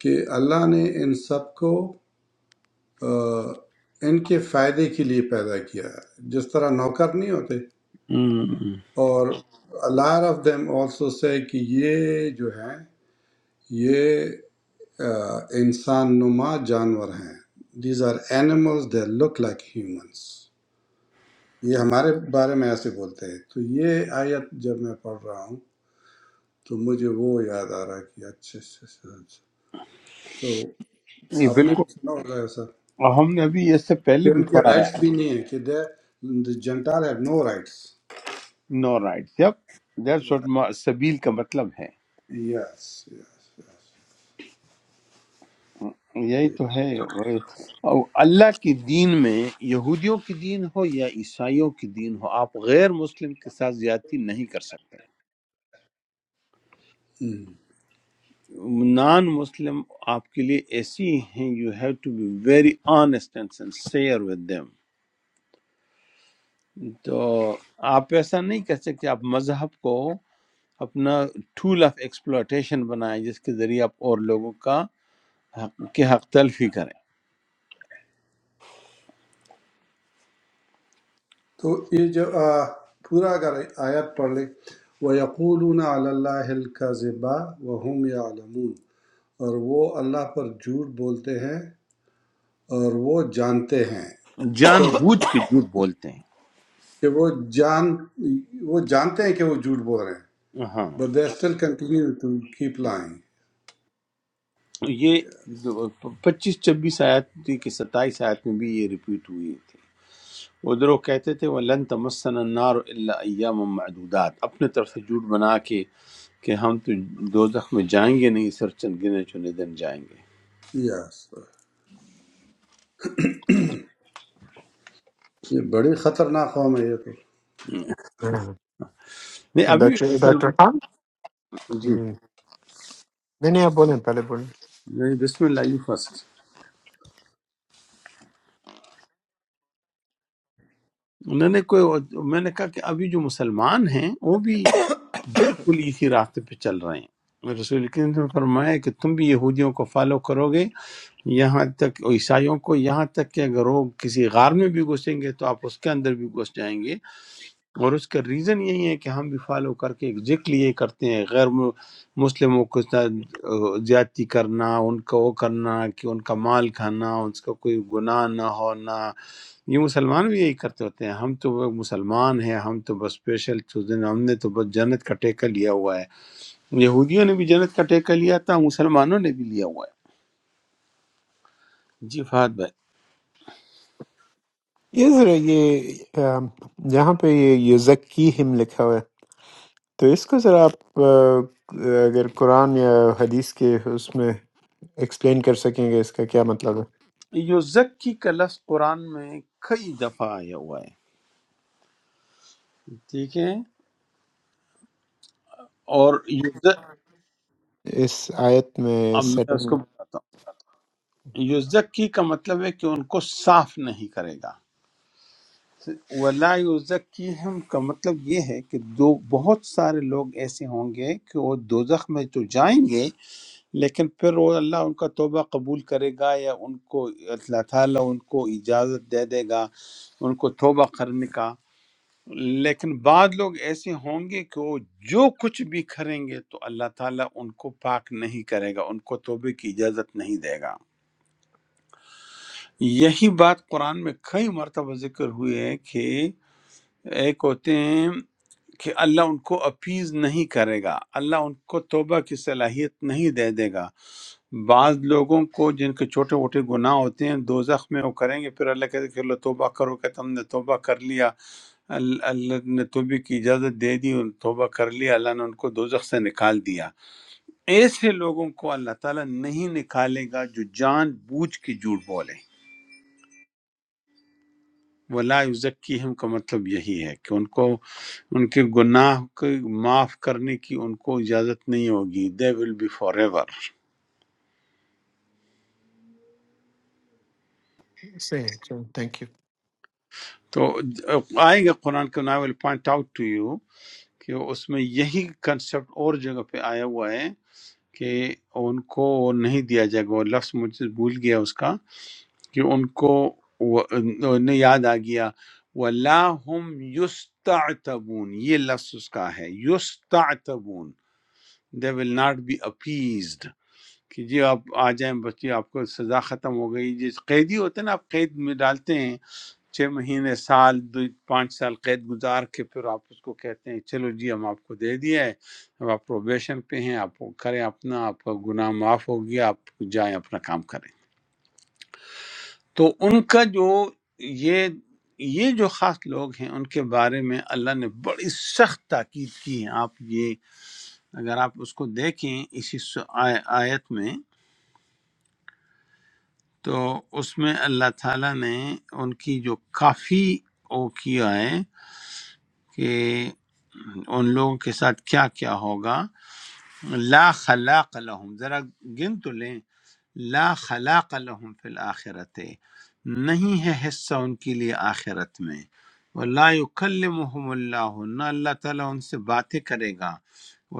[SPEAKER 6] کہ اللہ نے ان سب کو آ، ان کے فائدے کے لیے پیدا کیا ہے جس طرح نوکر نہیں ہوتے
[SPEAKER 1] ہم۔
[SPEAKER 6] اور lot of them also say کہ یہ جو ہیں یہ آ، انسان نما جانور ہیں these are animals they look like humans یہ ہمارے بارے میں ایسے بولتے ہیں تو یہ آیت جب میں پڑھ رہا ہوں تو مجھے وہ یاد آ رہا ہے کہ اچھا اچھا اچھا اچھا۔ تو
[SPEAKER 1] یہ
[SPEAKER 6] آپ نے
[SPEAKER 1] بالکل
[SPEAKER 6] بھی سنا ہوگا ایسا
[SPEAKER 1] اور ہم نے ابھی اس سے
[SPEAKER 6] کہ
[SPEAKER 1] پہلے بھی
[SPEAKER 6] ان کے
[SPEAKER 1] پڑھا ہے
[SPEAKER 6] رائٹس بھی نہیں ہیں کہ they gentile have no rights
[SPEAKER 1] no right جب دیٹس واٹ سبیل کا مطلب ہے
[SPEAKER 6] یس یس
[SPEAKER 1] یہی تو ہے اور اللہ کے دین میں یہودیوں کی دین ہو یا عیسائیوں کی دین ہو آپ غیر مسلم کے ساتھ زیادتی نہیں کر سکتے
[SPEAKER 6] ہم۔
[SPEAKER 1] نان مسلم آپ کے لیے ایسی ہیں you have to be very honest and sincere with them تو آپ ایسا نہیں کر سکتے آپ مذہب کو اپنا ٹول آف ایکسپلوٹیشن بنائیں جس کے ذریعے آپ اور لوگوں کا حق, کے حق تلفی کریں
[SPEAKER 6] تو یہ جو آ، پورا اگر آیت پڑھ لیں وَيَقُولُونَ عَلَى اللَّهِ الْكَذِبَ وَهُمْ يَعْلَمُونَ اور وہ اللہ پر جھوٹ بولتے ہیں اور وہ جانتے ہیں
[SPEAKER 1] جان بوجھ کے جھوٹ بولتے ہیں
[SPEAKER 6] کہ وہ جان وہ جانتے ہیں کہ وہ جھوٹ بول رہے ہیں
[SPEAKER 1] ہاں
[SPEAKER 6] but they still continue to keep lying
[SPEAKER 1] یہ پچیس چھبیس آیات تھی کہ ستائیس آیات میں بھی یہ ریپیٹ ہوئی تھی ادھر وہ کہتے تھے وَلَن تَمَسَّنَا النَّارُ إِلَّا أَيَّامًا مَعْدُودَاتٍ اپنے طرف سے جھوٹ بنا کے کہ ہم تو دوزخ میں جائیں گے نہیں سر چند گنے چنے دن جائیں گے
[SPEAKER 6] یس یہ بڑی خطرناک قوم ہے یہ تو
[SPEAKER 1] نہیں ابھی
[SPEAKER 7] ڈاکٹر ڈاکٹر
[SPEAKER 1] مسلمان
[SPEAKER 7] خان
[SPEAKER 1] جی
[SPEAKER 7] جی نہیں نہیں آپ بولیں پہلے بولیں
[SPEAKER 1] نہیں، بسم اللہ یو فرسٹ انہوں نے کوئی میں نے کہا کہ ابھی جو مسلمان ہیں وہ بھی بالکل اسی راستے پہ چل رہے ہیں رسول کریم نے فرمایا کہ تم بھی یہودیوں کو فالو کرو گے یہاں تک عیسائیوں کو یہاں تک کہ اگر وہ کسی غار میں بھی گھسیں گے تو آپ اس کے اندر بھی گھس جائیں گے اور اس کا ریزن یہی ہے کہ ہم بھی فالو کر کے ایگزیکٹلی یہ کرتے ہیں غیر م- مسلموں کو زیاد- زیادتی کرنا ان کا وہ کرنا کہ ان کا مال کھانا ان کا کوئی گناہ نہ ہونا یہ مسلمان بھی یہی کرتے ہوتے ہیں ہم تو وہ مسلمان ہیں ہم تو بس اسپیشل چوزن ہم نے تو بس جنت کا ٹیکہ لیا ہوا ہے یہودیوں نے بھی جنت کا ٹیکہ لیا تھا مسلمانوں نے بھی لیا ہوا ہے جی فہد
[SPEAKER 7] یہ ذرا یہ آم، یہاں پہ یہ یزکی ہم لکھا ہوا ہے تو اس کو ذرا آپ آ، اگر قرآن یا حدیث کے اس میں ایکسپلین کر سکیں گے اس کا کیا مطلب
[SPEAKER 1] یوزکی کا لفظ قرآن میں کئی دفعہ آیا ہوا ہے ٹھیک ہے اور یوز-
[SPEAKER 7] ہے اس آیت میں
[SPEAKER 1] اب میں اس
[SPEAKER 7] سیٹنگ
[SPEAKER 1] کو بتاتا ہوں یوزکی کا مطلب ہے کہ ان کو صاف نہیں کرے گا ولا یوزکی ہم کا مطلب یہ ہے کہ دو بہت سارے لوگ ایسے ہوں گے کہ وہ دوزخ میں تو جائیں گے لیکن پھر وہ اللہ ان کا توبہ قبول کرے گا یا ان کو اللہ تعالیٰ ان کو اجازت دے دے گا ان کو توبہ کرنے کا لیکن بعد لوگ ایسے ہوں گے کہ وہ جو کچھ بھی کریں گے تو اللہ تعالیٰ ان کو پاک نہیں کرے گا ان کو توبے کی اجازت نہیں دے گا یہی بات قرآن میں کئی مرتبہ ذکر ہوئی ہے کہ ایک ہوتے ہیں کہ اللہ ان کو اپیز نہیں کرے گا اللہ ان کو توبہ کی صلاحیت نہیں دے دے گا بعض لوگوں کو جن کے چھوٹے موٹے گناہ ہوتے ہیں دوزخ میں وہ کریں گے پھر اللہ کہتے کہ لو توبہ کرو کہ تم نے توبہ کر لیا ال- اللہ نے توبہ کی اجازت دے دی ان توبہ کر لیا اللہ نے ان کو دوزخ سے نکال دیا ایسے لوگوں کو اللہ تعالیٰ نہیں نکالے گا جو جان بوجھ کے جھوٹ بولیں ولا یزکیہم کا مطلب یہی ہے کہ ان کو ان کے گناہ کو معاف کرنے کی ان کو اجازت نہیں ہوگی they will be forever
[SPEAKER 7] صحیح تھینک یو
[SPEAKER 1] تو آئے گا قرآن کے نا will point out to you کہ اس میں یہی کنسپٹ اور جگہ پہ آیا ہوا ہے کہ ان کو نہیں دیا جائے گا وہ لفظ مجھے بھول گیا اس کا کہ ان کو وہ- انہیں یاد آ گیا وَلَا هُمْ يُسْتَعْتَبُونَ یہ لفظ اس کا ہے يُسْتَعْتَبُونَ they will not be appeased کہ جی آپ آ جائیں بچے آپ کو سزا ختم ہو گئی جس قیدی ہوتے ہیں نا آپ قید میں ڈالتے ہیں چھ مہینے سال دو پانچ سال قید گزار کے پھر آپ اس کو کہتے ہیں چلو جی ہم آپ کو دے دیا ہے اب آپ پروبیشن پہ ہیں آپ کریں اپنا آپ کا گناہ معاف ہو گیا آپ جائیں اپنا کام کریں تو ان کا جو یہ یہ جو خاص لوگ ہیں ان کے بارے میں اللہ نے بڑی سخت تاکید کی ہے آپ یہ اگر آپ اس کو دیکھیں اسی سو- آی- آیت میں تو اس میں اللہ تعالیٰ نے ان کی جو کافی وہ کیا ہے کہ ان لوگوں کے ساتھ کیا کیا ہوگا لا خلاق لهم ذرا گن تو لیں لا خلاق لهم فی الآخرت نہیں ہے حصہ ان کے لیے آخرت میں ولا يكلمهم اللہ نہ اللہ تعالیٰ ان سے باتیں کرے گا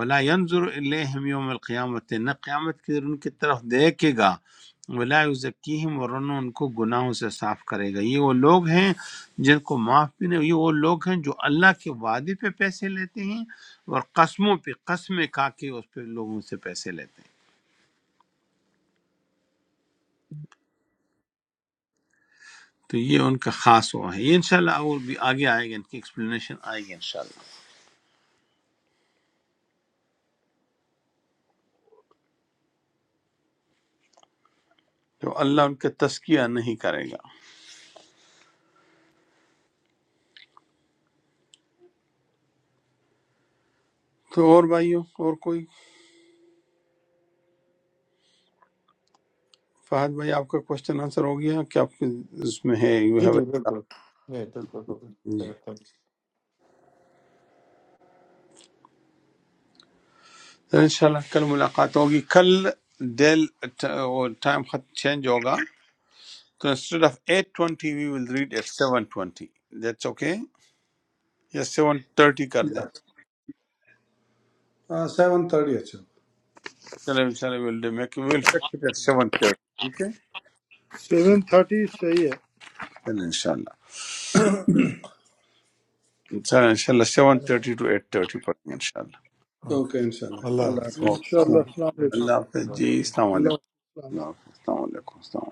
[SPEAKER 1] ولا ینظر الیہم یوم القیامت نہ قیامت کے دن ان کی طرف دیکھے گا ولا یزکیہم اور نہ ان کو گناہوں سے صاف کرے گا یہ وہ لوگ ہیں جن کو معاف بھی نہیں یہ وہ لوگ ہیں جو اللہ کے وعدے پہ پیسے لیتے ہیں اور قسموں پہ قسمیں کھا کے اس پہ لوگوں سے پیسے لیتے ہیں تو یہ ان کا خاص وہ ہے یہ انشاءاللہ اور بھی آگے آئے گا ان کی ایکسپلینیشن آئے گی انشاءاللہ تو اللہ ان کا تسکیہ نہیں کرے گا تو اور بھائیوں اور کوئی فہد بھائی آپ کا کوشچن آنسر ہو گیا کہ آپ کے اس میں ہے یو
[SPEAKER 7] جی
[SPEAKER 1] ہیو
[SPEAKER 7] جی بالکل نہیں بالکل بالکل
[SPEAKER 1] جی
[SPEAKER 7] چلو، thank
[SPEAKER 1] تو انشاءاللہ کل ملاقات ہوگی کل ڈیل ٹائم چینج ہوگا تو instead of eight twenty we will read eight seven twenty that's okay یا سیون تھرٹی کر دیں
[SPEAKER 6] یس سیون تھرٹی اچھا
[SPEAKER 1] چلو انشاءاللہ we'll do make we'll
[SPEAKER 2] چلو،
[SPEAKER 1] fix it at 7:30 ٹھیک ہے
[SPEAKER 8] Seven thirty, sahi hai.
[SPEAKER 1] چلو انشاءاللہ چلو انشاءاللہ
[SPEAKER 2] چلو،
[SPEAKER 1] 7:30 to 8:30 پر انشاءاللہ
[SPEAKER 3] اوکے
[SPEAKER 6] اوکے انشاءاللہ
[SPEAKER 3] اللہ
[SPEAKER 6] اللہ
[SPEAKER 2] اوکے
[SPEAKER 3] حافظ
[SPEAKER 2] جی
[SPEAKER 6] حافظ
[SPEAKER 1] اوکے
[SPEAKER 2] السلام
[SPEAKER 8] InshaAllah.
[SPEAKER 6] السلام
[SPEAKER 2] علیکم
[SPEAKER 7] you۔
[SPEAKER 8] Assalamualaikum.
[SPEAKER 1] اللہ حافظ جی
[SPEAKER 7] انشاءاللہ۔
[SPEAKER 1] السلام علیکم
[SPEAKER 8] Allah aikum.
[SPEAKER 1] اللہ حافظ السلام علیکم السلام علیکم